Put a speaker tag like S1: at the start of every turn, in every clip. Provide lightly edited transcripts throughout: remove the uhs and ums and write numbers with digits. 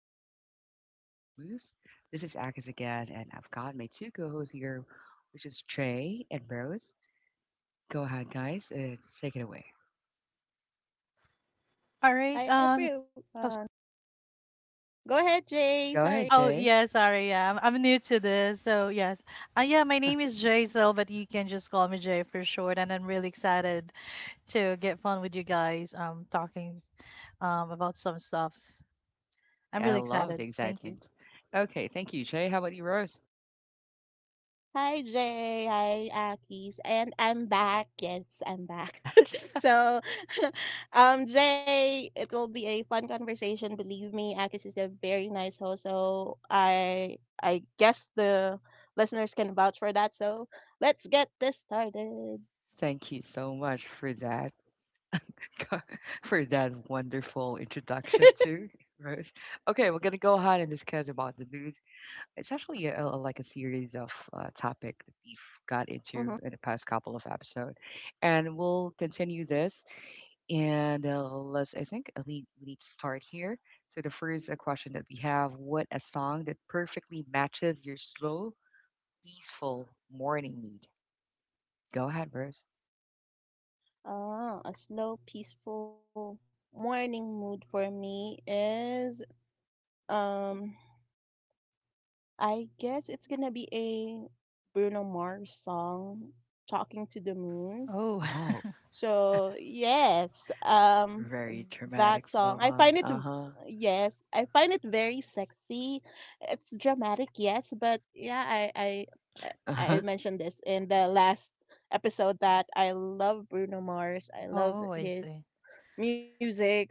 S1: flow easy and the vibe stays smooth. This is Akis again, and I've got my two co-hosts here, which is Trey and Rose. Go ahead, guys. Take it away.
S2: All right.
S3: Hi,
S2: Oh, s-
S3: everyone. Go ahead, Jay.
S1: Go
S3: Sorry.
S1: ahead,
S2: oh
S1: Trey.
S2: yeah. Sorry. Yeah. I'm new to this. So yes. Yeah. My name is Jaisal, but you can just call me Jay for short. And I'm really excited to get fun with you guys. Talking about some stuffs.
S1: Okay,
S2: I'm
S1: I
S2: really
S1: love the
S2: excited. Thank you.
S1: excitement. Okay, thank you, Trey. How about you, Rose?
S3: Hi, Jay. Hi, Akis. And I'm back. Yes, I'm back.
S1: Yes.
S3: So, Jay, it will be a fun conversation. Believe me, Akis is a very nice host. So, I guess the listeners can vouch for that. So, let's get this started.
S1: Thank you so much for that, for that wonderful introduction to Rose. Okay, we're gonna go ahead and discuss about the news. It's actually like a series of topic that we've got into
S3: Hmm.
S1: in the past couple of episodes, and we'll continue this. And let's, I think, we need to start here. So the first question that we have: What a song that perfectly matches your slow, peaceful morning mood. Go ahead, Rose.
S3: Oh, a slow, peaceful morning mood for me is um I guess it's gonna be a Bruno Mars song, Talking to the Moon.
S2: Oh.
S1: Oh,
S3: So yes,
S1: very
S3: that
S1: dramatic
S3: song. I
S1: slow
S3: find
S1: mo.
S3: it,
S1: Uh huh.
S3: yes, I find it very sexy. It's dramatic, yes, but yeah,
S1: Uh
S3: I I
S1: huh.
S3: mentioned this in the last episode that I love Bruno Mars. I love
S2: Oh, I see.
S3: his musics,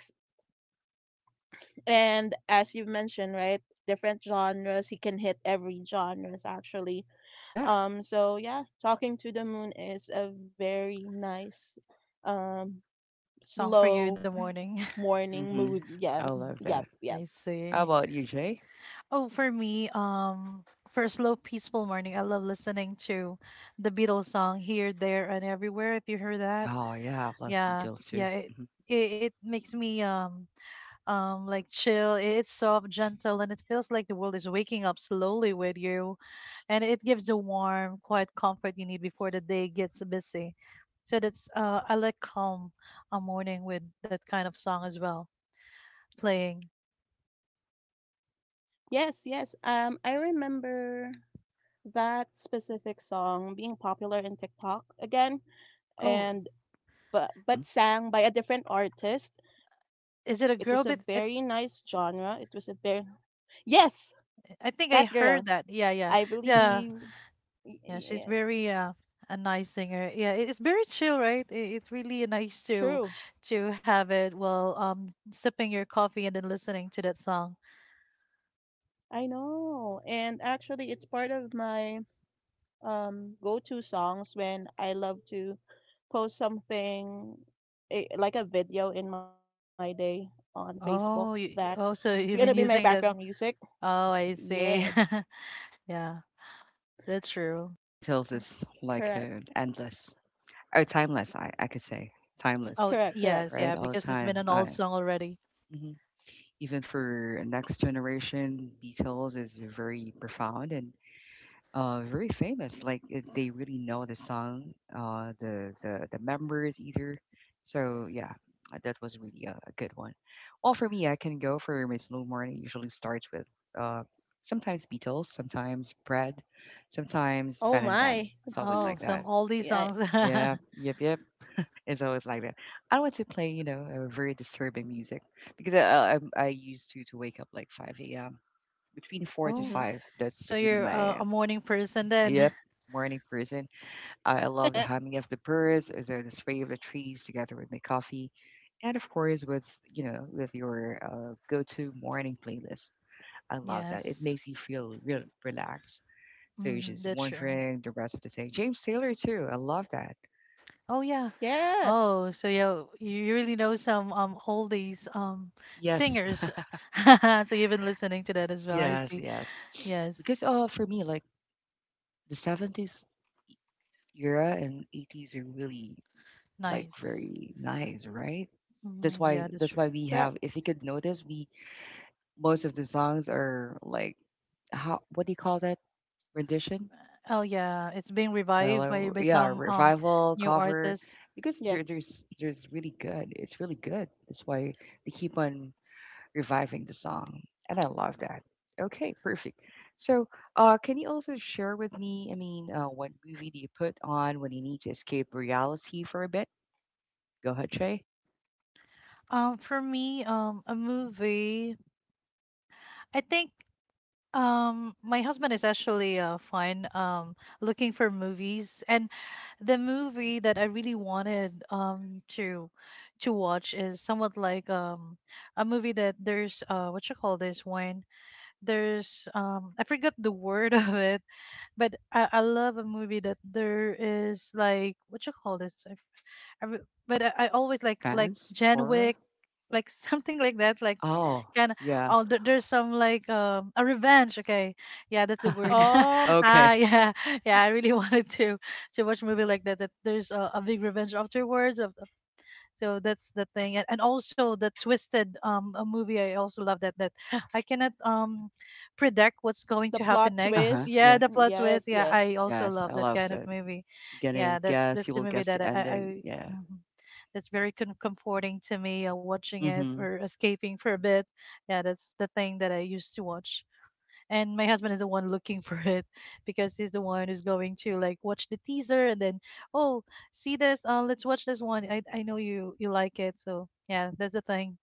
S3: and as you've mentioned, right, different genres. He can hit every genres actually.
S1: Yeah.
S3: So yeah, talking to the moon is a very nice, um,
S2: Song for you in the morning.
S3: slow morning
S1: Mm-hmm.
S3: mood.
S1: I
S3: Yes,
S2: Mm,
S1: love
S3: yep,
S1: that.
S3: yep.
S2: I
S1: How
S2: see.
S1: about you, Jay?
S2: Oh, for me, for a slow, peaceful morning, I love listening to the Beatles song "Here, There, and Everywhere." If you heard that.
S1: Oh yeah, I love
S2: Yeah,
S1: Beatles too.
S2: yeah, it, it makes me like chill. It's soft, gentle, and it feels like the world is waking up slowly with you, and it gives the warm, quiet comfort you need before the day gets busy. So that's I like calm a morning with that kind of song as well playing.
S1: Mm-hmm.
S3: Yes, yes. I remember that specific song being popular in TikTok again,
S2: Oh,
S3: and but sang by a different artist.
S2: is it a
S3: It was
S2: girl
S3: a
S2: bit?
S3: very nice genre. It was a very, yes,
S2: I think I
S3: that girl.
S2: heard that. Yeah,
S3: I
S2: yeah.
S3: believe
S2: Yeah, she's
S3: yes,
S2: very a nice singer. Yeah, it's very chill, right? It's really nice
S3: true.
S2: to have it while sipping your coffee and then listening to that song.
S3: I know, and actually, it's part of my go-to songs when I love to post something, like a video in my day on Facebook, that it's
S2: Oh,
S3: gonna be
S2: so
S3: my
S2: you've been
S3: background
S2: using that.
S3: music.
S2: Oh, I
S3: Yes,
S2: see. Yeah, that's true.
S1: Beatles is like
S3: correct,
S1: endless or timeless. I could say timeless,
S2: Oh,
S3: correct, correct.
S2: yes,
S1: right?
S2: yeah,
S1: All the
S2: because it's been
S1: time.
S2: an old song already.
S1: Mhm. Even for next generation, Beatles is very profound and very famous. Like it, they really know the song, the members either. So yeah, that was really a good one. Well, for me, I can go for my slow morning. Usually starts with uh, sometimes Beatles, sometimes Bread, sometimes Ben
S3: Oh
S1: and Ben.
S3: my,
S1: It's always
S2: Oh,
S1: like
S2: some
S1: that.
S2: oldie
S3: yeah,
S2: songs.
S1: Yeah, yep, yep. It's always like that. I don't want to play, very disturbing music because I used to wake up like 5 a.m. between four to
S2: Oh,
S3: mm-hmm.
S1: five. That's
S2: so
S1: really
S2: you're
S1: my,
S2: a morning person then?
S1: yep, morning person. I love the humming of the birds, the spray of the trees, together with my coffee, and of course with with your go-to morning playlist. I love that. It
S2: Yes,
S1: makes you feel real relaxed. So you're
S2: mm,
S1: just
S2: that's true.
S1: wondering the rest of the day. James Taylor too. I love that.
S2: Oh yeah,
S3: Yes,
S2: oh, so you really know some oldies
S1: Yes,
S2: singers. So you've been listening to that as well. I
S1: yes,
S2: see.
S1: yes.
S2: Yes.
S1: Because for me like the 70s era and 80s are really like
S2: Nice.
S1: very nice, right? That's
S2: Mm, yeah,
S1: why
S2: that's
S3: correct,
S1: that's
S2: true.
S1: why we have, if you could notice, we, most of the songs are like, how what do you call that, rendition?
S2: Oh yeah, it's being revived
S1: Like,
S2: by
S1: yeah,
S2: some
S1: revival
S2: new
S1: cover
S2: artists.
S1: because there,
S3: yes.
S1: there's there's really good. It's really good. That's why they keep on reviving the song. And I love that. Okay, perfect. So, can you also share with me, I mean, what movie do you put on when you need to escape reality for a bit? Go ahead, Shay.
S2: For me, a movie. I think my husband is actually fine looking for movies, and the movie that I really wanted to watch is somewhat like a movie that there's what you call this one? There's I forgot the word of it, but I love a movie that there is like what you call this? I, f- I re- but I always like
S1: Suspense,
S2: John
S1: horror.
S2: Wick, like something like that, like
S1: Oh,
S2: kind of
S1: yeah.
S2: oh there, there's some like a revenge okay yeah that's the word
S3: Oh,
S2: ah
S1: Okay.
S2: yeah yeah I really wanted to watch a movie like that that there's a big revenge afterwards of, so that's the thing and, also the twisted a movie I also love that that I cannot predict what's going
S3: the
S2: to
S3: plot
S2: happen
S1: Uh
S2: next.
S1: huh.
S3: twists.
S2: Yeah,
S1: Yeah.
S2: the plot twist.
S3: Yes,
S2: Yeah,
S3: yes.
S2: I also
S1: Yes,
S2: love
S1: I
S2: that
S1: love
S2: kind of
S1: that.
S2: movie.
S1: You're gonna
S2: Yeah, that
S1: guess.
S2: that's
S1: You
S2: the
S1: will
S2: movie
S1: guess
S2: that
S1: the ending.
S2: I
S1: Yeah.
S2: mhm, that's very comforting to me, watching it
S1: Mm-hmm.
S2: for escaping for a bit. Yeah, that's the thing that I used to watch, and my husband is the one looking for it because he's the one who's going to like watch the teaser and then oh see this, let's watch this one. I know you like it. So yeah, that's the thing.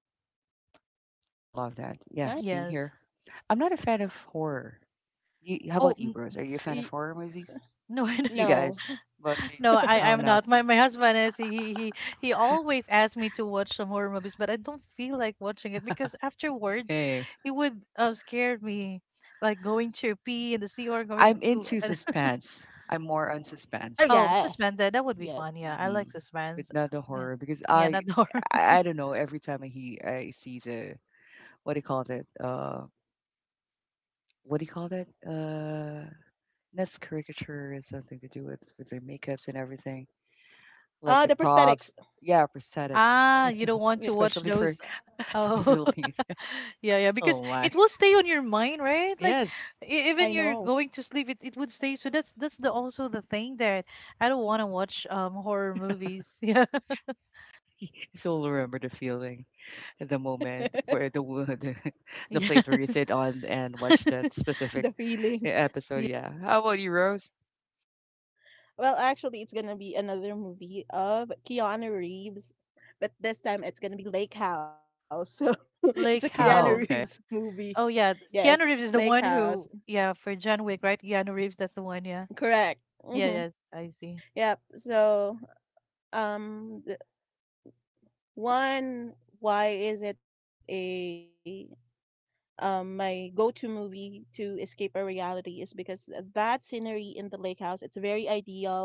S1: I love that. Yeah.
S3: Nice.
S1: Same
S2: Yes.
S1: here. I'm not a fan of horror. You, how
S2: oh
S1: about you,
S2: n-
S1: Rose? Are you a fan of
S3: E-
S1: horror movies?
S2: no.
S1: You
S3: No.
S1: guys. What about you?
S2: No, i
S1: Oh
S2: i'm
S1: no.
S2: not. My husband is, he he always asks me to watch some horror movies, but I don't feel like watching it because afterwards
S1: Same.
S2: it would, scare me, like going to pee in the sea or going
S1: I'm
S2: to
S1: into suspense. I'm more on
S3: Ah,
S1: suspense,
S2: oh,
S3: yes,
S2: suspended that would be
S3: yes.
S2: fun. Yeah, I
S1: hmm
S2: like
S1: but
S2: suspense.
S1: not the
S2: Yeah,
S1: horror because
S2: yeah,
S1: I,
S2: not the horror.
S1: I, I don't know. Every time I hear, I see the, what do you call that? What do you call that? That's caricature and something to do with their makeups and everything, like
S3: Ah,
S1: the
S3: the prosthetics.
S1: props. Yeah, prosthetics,
S2: Ah, you don't want to watch
S1: especially for
S2: those.
S1: the
S2: Oh,
S1: Philippines.
S2: yeah, yeah, because
S1: Oh my.
S2: it will stay on your mind, right? Like,
S1: Yes,
S2: even
S3: I
S2: you're
S3: know
S2: going to sleep, it would stay. So that's the also the thing that I don't want to watch horror movies.
S1: still remember the feeling, the moment where the the
S2: Yeah,
S1: place
S2: yeah,
S1: where you sit on and watch that
S3: the
S1: specific
S3: feeling.
S1: episode.
S2: yeah.
S1: Yeah. How about you, Rose?
S3: Well, actually, it's gonna be another movie of Keanu Reeves, but this time it's gonna be Lake House. So it's
S2: Lake
S3: a
S1: Oh,
S2: House.
S3: Keanu
S1: okay.
S3: Reeves movie.
S2: Oh yeah, Keanu
S3: Yes,
S2: Reeves is the
S3: Lake
S2: one
S3: House.
S2: who yeah for John Wick, right? Keanu Reeves, that's the one. Yeah,
S3: Correct.
S2: yeah,
S3: Hmm.
S2: yes, I see.
S3: Yep. So, um, th- one, why is it a my go-to movie to escape a reality is because that scenery in the lake house it's very ideal,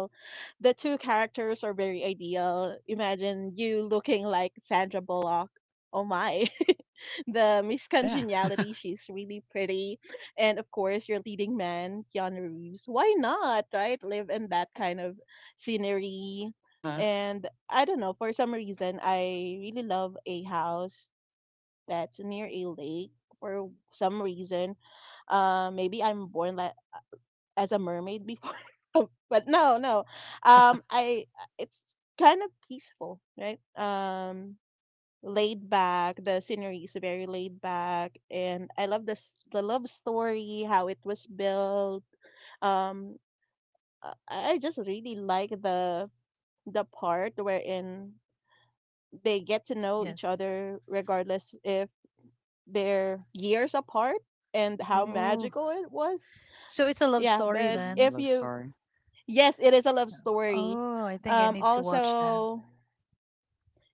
S3: the two characters are very ideal. Imagine you looking like Sandra Bullock. Oh my. The Miss
S1: Yeah.
S3: Congeniality, she's really pretty. And of course, your leading man, Keanu Reeves. Why not, right? Live in that kind of scenery.
S1: Uh huh.
S3: And I don't know, for some reason, I really love a house that's near a lake for some reason. Maybe I'm born like as a mermaid before. But no, no. I It's kind of peaceful, right? Laid back. The scenery is very laid back, and I love this the love story, how it was built. Um, I just really like the part wherein they get to know
S2: Yes.
S3: each other regardless if they're years apart and how
S2: Oh,
S3: magical it was.
S2: so it's a love
S3: Yeah,
S2: story
S3: but
S1: Mm-hmm. I
S2: then.
S3: if
S1: love
S3: you.
S1: sorry.
S3: Yes, it is a love story.
S2: Oh, I think I need to watch that.
S3: Also,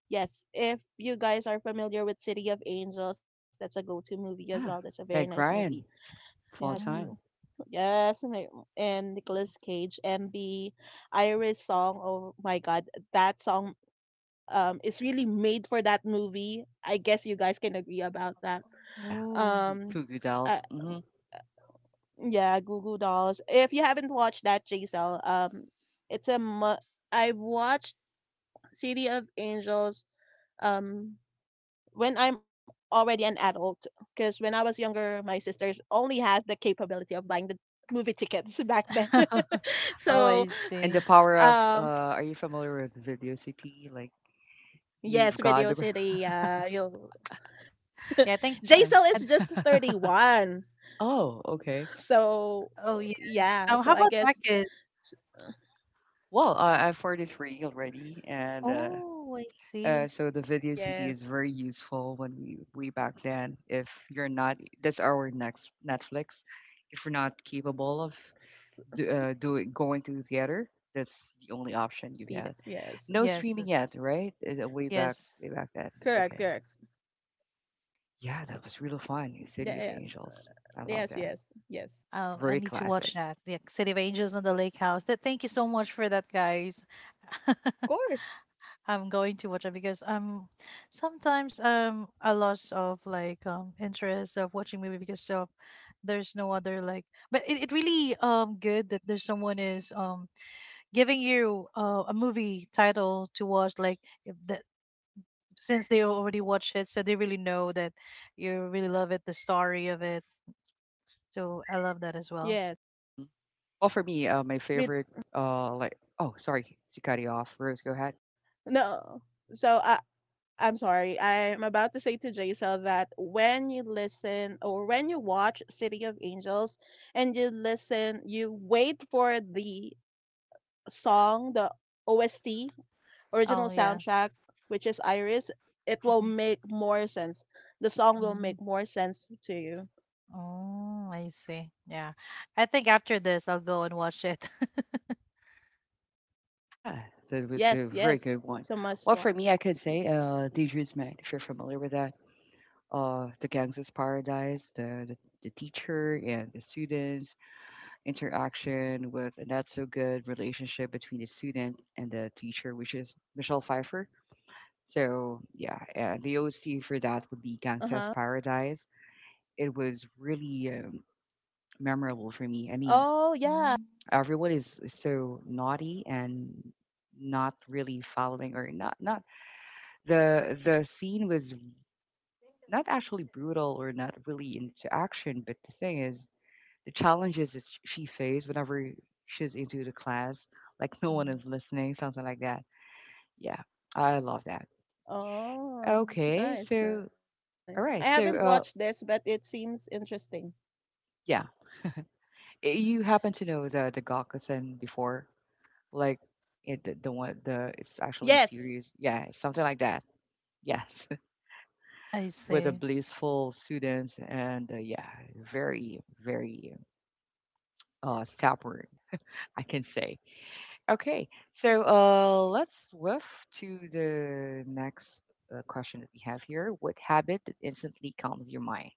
S3: yes, if you guys are familiar with City of Angels, that's a go-to movie as well. That's a
S1: Yeah.
S3: very nice
S1: Meg
S3: movie.
S1: Ryan,
S3: Yes,
S1: full time.
S2: Mm.
S3: yes, and Nicolas Cage and the Iris song. Oh my God, that song is really made for that movie. I guess you guys can agree about that.
S1: Yeah.
S2: Oh.
S3: Um,
S1: Cuckoo
S3: uh,
S1: Dolls. Mm-hmm.
S3: yeah, Goo Goo Dolls. If you haven't watched that, JSL, it's a mu- I've watched City of Angels um when I'm already an adult because when I was younger my sisters only had the capability of buying the movie tickets back then.
S1: Hmm.
S2: Oh,
S3: So
S2: I
S1: And the
S2: see.
S1: power of.
S3: um
S1: Are you familiar with Video City? Like you've
S3: yes,
S1: got the.
S3: Video City, you'll
S2: Yeah, I think
S1: Uh,
S3: Jaisal
S2: I
S3: is just 31.
S1: oh, okay.
S3: So
S2: oh, yes. Oh, how
S3: yeah,
S2: about
S3: so I
S2: Akis?
S3: guess
S1: Well, I'm 43 already, and
S2: Oh, I see.
S1: So the video CD is
S3: yes.
S1: very useful when we way back then. If you're not, that's our next Netflix. If you're not capable of
S3: Yes.
S1: doing going to the theater, that's the only option you had.
S3: Peter, yes.
S1: No
S2: Yes,
S1: streaming
S2: that's
S1: yet, right? Way back,
S2: yes.
S1: way back then.
S3: Correct,
S1: Okay,
S3: correct.
S1: yeah, that was really fun. City
S3: Yeah,
S1: of
S3: yeah.
S1: Angels, I love
S3: Yes,
S1: that.
S3: yes. Yes.
S2: Oh, I
S1: Very
S2: need to watch
S1: classic.
S2: that. The City of Angels and the Lake House. That, thank you so much for that, guys.
S3: Of course.
S2: I'm going to watch it because sometimes I lost of like interest of watching movie because of there's no other like but it really good that there's someone is giving you, a movie title to watch, like if that, since they already watched it, so they really know that you really love it, the story of it. So I love that as well.
S3: Yes.
S1: Hmm. Well, for me, my
S3: But
S1: favorite, like, oh, sorry to cut you off. Rose, go ahead.
S3: no. So I'm sorry. I'm about to say to Jaisal that when you listen or when you watch City of Angels and you listen, you wait for the song, the OST, original
S2: Oh yeah.
S3: soundtrack, which is Iris, it will
S2: Mhm.
S3: make more sense. The song will
S2: Mm.
S3: make more sense to you.
S2: Oh, I see. Yeah, I think after this I'll go and watch it.
S1: Yeah, that was a
S3: Yes,
S1: very
S3: yes.
S1: good one.
S3: It's a
S1: Well,
S3: must
S1: for
S3: watch.
S1: me, I could say Dangerous Man, if you're familiar with that. The Gangsta's Paradise, the teacher and the students, interaction with a not so good relationship between the student and the teacher, which is Michelle Pfeiffer. So, yeah, the OC for that would be Gangsta's
S3: Uh-huh.
S1: Paradise. It was really memorable for me. I mean,
S3: Oh,
S2: Mm-hmm.
S3: yeah.
S1: everyone is so naughty and not really following, or not the scene was not actually brutal or not really into action, but the thing is, the challenges that she faced whenever she's into the class, like no one is listening, something like that. Yeah, I love that. Okay,
S3: Oh,
S1: so
S3: nice,
S1: all
S3: nice.
S1: right,
S3: I
S1: so
S3: haven't watched this, but it seems interesting.
S1: yeah, you happen to know the Gakusen before, like it, the one, the, it's actually series, yeah,
S3: Yes.
S1: something like that. Yes,
S2: I
S1: with the
S2: see.
S1: blissful students and yeah, very very stop word I can say. Okay, so let's move to the next question that we have here. What habit that instantly calms your mind?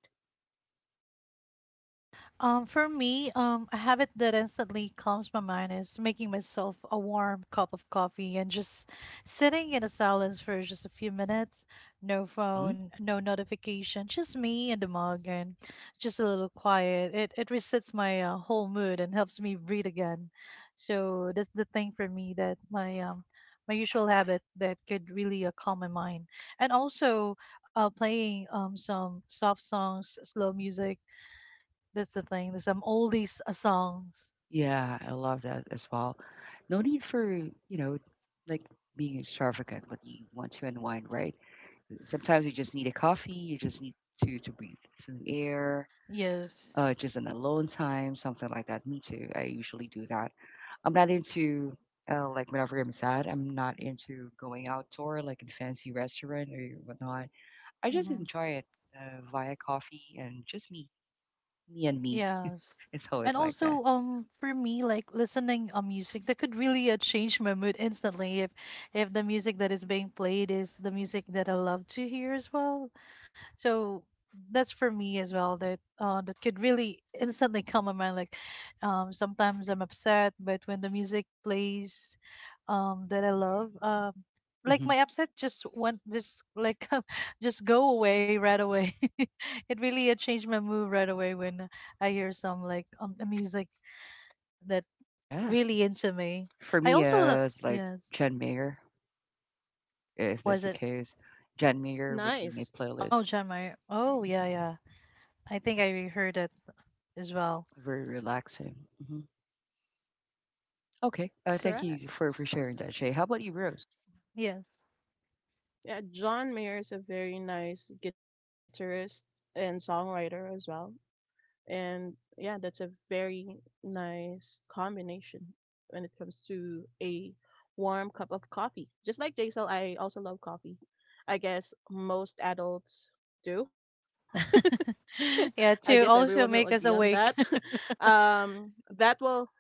S2: For me, a habit that instantly calms my mind is making myself a warm cup of coffee and just sitting in a silence for just a few minutes. No
S1: Hmm.
S2: phone, no notification, just me and the mug, and just a little quiet. It resets my, whole mood and helps me breathe again. So that's the thing for me that my usual habit that could really, calm my mind, and also playing some soft songs, slow music. That's the thing. There's some oldies, songs.
S1: Yeah, I love that as well. No need for, like being extravagant when you want to unwind, right? Sometimes you just need a coffee, you just need to breathe some air,
S2: Yes.
S1: just an alone time, something like that. Me too. I usually do that. I'm not into like whenever I'm sad, I'm not into going outdoor like in fancy restaurant or whatnot. I just
S2: Hmm.
S1: enjoy it via coffee and just me, me and me.
S2: Yes.
S1: It's
S2: And
S1: always like that.
S2: also, for me, like listening a music that could really, change my mood instantly if the music that is being played is the music that I love to hear as well. So that's for me as well that that could really instantly calm my mind. Like sometimes I'm upset, but when the music plays, that I love, like
S1: Hmm.
S2: my upset just went just like just go away right away. It really, changed my mood right away when I hear some like, the music that
S1: Yeah.
S2: really into me.
S1: For
S2: I
S1: me,
S2: also love
S1: it's like
S2: yes.
S1: Jen Mayer if that's
S2: Was
S1: the
S2: it?
S1: case. Jan Mayer would be my
S2: Oh,
S1: playlist.
S3: Nice.
S2: John Mayer. Oh yeah,
S1: Mhm.
S2: yeah. I think I heard it as well.
S1: Very relaxing. Hmm. Okay. Thank you for
S3: Correct.
S1: sharing that, Shay. How about you, Rose?
S2: Yes.
S3: Yeah, John Mayer is a very nice guitarist and songwriter as well. And yeah, that's a very nice combination when it comes to a warm cup of coffee. Just like Jaisal, I also love coffee. I guess most adults do.
S2: Yeah,
S3: I
S2: to
S3: guess
S2: also
S3: everyone will
S2: make us
S3: agree on
S2: awake.
S3: that. um, that will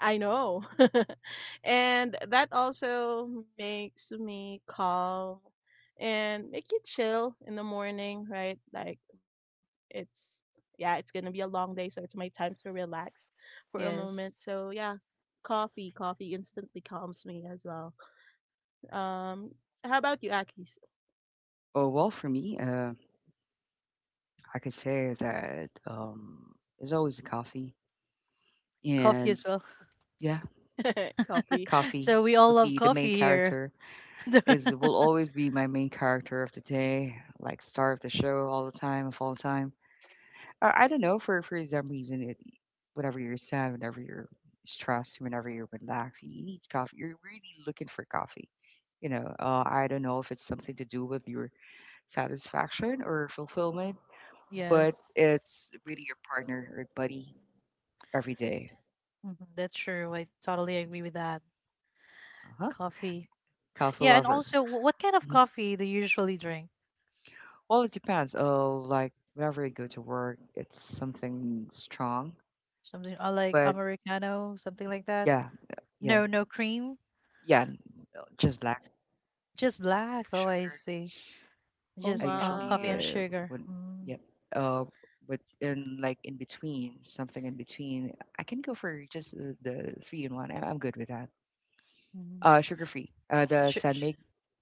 S3: I know. And that also makes me calm and make you chill in the morning, right? Like it's yeah, it's going to be a long day, so it's my time to relax for a moment.
S2: yes.
S3: So, yeah, coffee instantly calms me as well. Um how about you, Akis?
S1: Oh, well, for me, I could say that it's always coffee.
S2: Coffee
S1: And
S2: as well.
S1: yeah,
S3: Coffee.
S1: coffee
S2: So we all
S1: would
S2: love
S1: be the main
S2: coffee here.
S1: character, is, will always be my main character of the day, like star of the show all the time, of all time. I don't know. For some reason, it, whenever you're sad, whenever you're stressed, whenever you're relaxed, you need coffee. You're really looking for coffee. I don't know if it's something to do with your satisfaction or fulfillment, but
S2: yes.
S1: it's really your partner or buddy every day.
S2: Hmm. That's true. I totally agree with that.
S1: Uh huh.
S2: Coffee.
S1: Coffee
S2: Yeah, and
S1: lover.
S2: also what kind of
S1: Mhm.
S2: coffee do you usually drink?
S1: Well, it depends. Oh, like whenever I go to work, it's something strong.
S2: Something, like
S1: But
S2: americano, something like that?
S1: yeah, yeah,
S2: No, no cream,
S1: yeah. Just black, no
S2: just black. Oh, I
S1: sugar.
S2: see.
S3: Oh
S1: I
S2: Just coffee
S1: usually
S2: and
S3: my.
S2: sugar.
S1: when,
S2: Mm-hmm.
S1: yep. Uh, but in like in between, something in between, I can go for just the three in one. I'm good with that. Sugar free. The
S2: Sh-
S1: San,
S2: sh-
S1: I,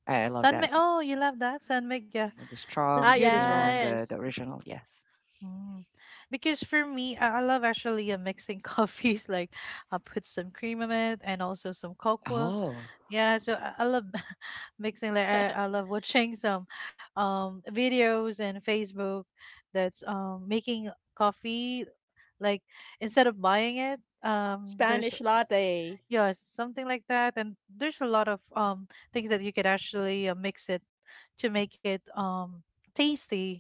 S1: I love
S2: San Mi-
S1: that.
S2: Oh, you love that? San Miguel.
S1: Yeah, the
S2: That's
S3: Ah,
S2: good
S1: strong
S2: as well.
S1: and the
S3: yes.
S1: original. Yes.
S2: Mm. Because for me, I love actually, mixing coffees. Like, I put some cream in it and also some cocoa.
S1: Oh,
S2: Yeah, so I love mixing. Like, I love watching some videos and Facebook that's making coffee. Like, instead of buying it, there's
S3: Spanish latte.
S2: yeah something like that. And there's a lot of things that you could actually, mix it to make it tasty.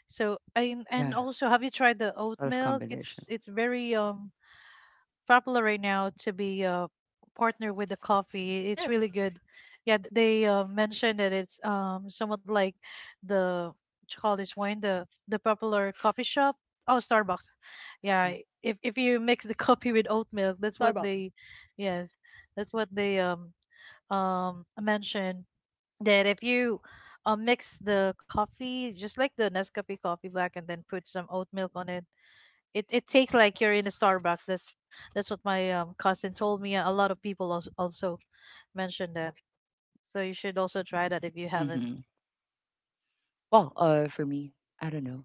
S2: So and
S1: yeah.
S2: also, have you tried the oat
S1: A lot of
S2: milk? It's
S1: combination.
S2: it's very popular right now to be partner with the coffee. It's really
S3: Yes,
S2: good. Yeah, they, mentioned that it's somewhat like the what you call this wine the popular coffee shop. Oh, Starbucks. Yeah, if you mix the coffee with oat milk, that's what
S3: Starbucks.
S2: they, yes, that's what they mentioned that if you, mix the coffee just like the Nescafe coffee black and then put some oat milk on it, it, it tastes like you're in a Starbucks. That's what my, cousin told me. A lot of people also mentioned that, so you should also try that if you
S1: Mm-hmm.
S2: haven't.
S1: Hmm. Well, for me, I don't know.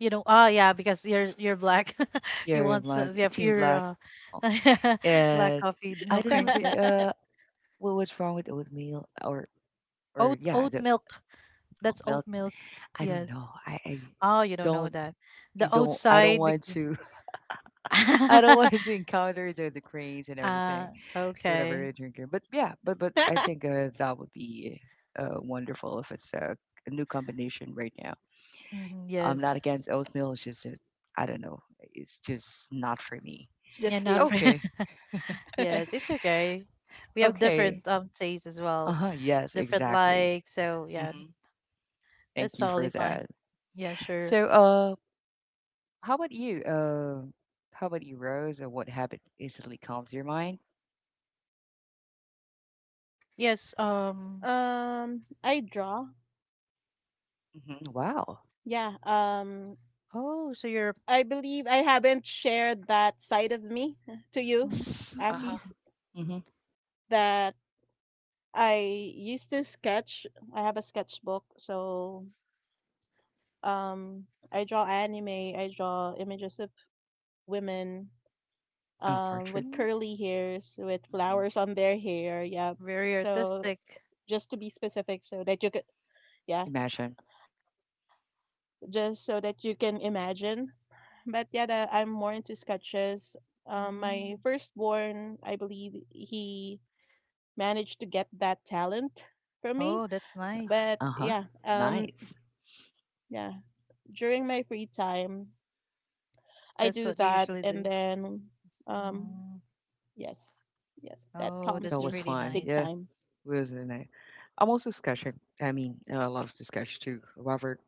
S2: You know, ah, yeah because you're black. You
S1: Yeah,
S2: want,
S1: black,
S2: yeah
S1: team
S2: pure,
S1: black. Oh,
S2: black
S1: and
S2: coffee, no
S1: I don't know.
S2: creams.
S1: The,
S2: Yes.
S1: what's wrong with oatmeal or yeah,
S2: Oat
S1: the
S2: milk, that's oat
S1: oatmeal,
S2: milk.
S1: I
S2: Yes,
S1: don't know.
S2: oh you don't know
S1: Don't
S2: that
S1: you
S2: the
S1: don't I don't
S2: outside
S1: want
S2: because.
S1: to I don't want to encounter the cranes and everything.
S2: Ah,
S1: So whatever you're
S2: okay.
S1: drinking. But yeah, but I think that would be wonderful if it's a new combination right now.
S2: Hmm.
S1: I'm not
S2: Yes.
S1: against oatmeal, it's just that I don't know. It's just not for me.
S3: It's
S2: Yeah,
S3: just
S2: not
S3: you.
S2: for
S1: Okay.
S2: yes, it's okay. We have
S1: Okay.
S2: different tastes as well,
S1: Uh-huh. Yes,
S2: different
S1: exactly.
S2: likes. So yeah,
S1: Hmm.
S2: that's
S1: Thank you
S2: totally
S1: for
S2: fine.
S1: that.
S2: Yeah, sure.
S1: So, how about you? How about you, Rose? Or what habit instantly calms your mind?
S2: Yes.
S3: I draw.
S1: Hmm. Wow.
S3: Yeah.
S2: Oh, so you're
S3: I believe I haven't shared that side of me to you,
S2: mm,
S1: Yes. Uh huh.
S3: Akis,
S1: Hmm.
S3: that I used to sketch. I have a sketchbook, so um, I draw anime, I draw images of women
S1: Oh,
S3: with
S1: portrait.
S2: mm,
S3: curly hairs, with
S1: Hmm.
S3: flowers on their hair. Yeah.
S2: very
S3: So
S2: artistic.
S3: just to be specific so that you could, yeah,
S1: Imagine.
S3: just so that you can imagine, but yeah, the, I'm more into sketches. My
S2: Mm.
S3: firstborn, I believe he managed to get that talent from me.
S2: Oh, that's nice.
S3: But
S1: Uh huh.
S3: yeah,
S1: Nice.
S3: yeah, during my free time, I do
S2: That's
S3: that,
S2: what you
S3: and
S2: usually do.
S3: then, um,
S2: Mm.
S3: yes, yes, that
S2: Oh,
S3: calms
S1: That
S3: me
S2: that's
S1: was
S2: really
S3: big
S1: fun.
S2: nice.
S1: Yeah,
S3: time.
S1: wasn't it? I'm also sketching. I mean, I love to sketch too, Robert.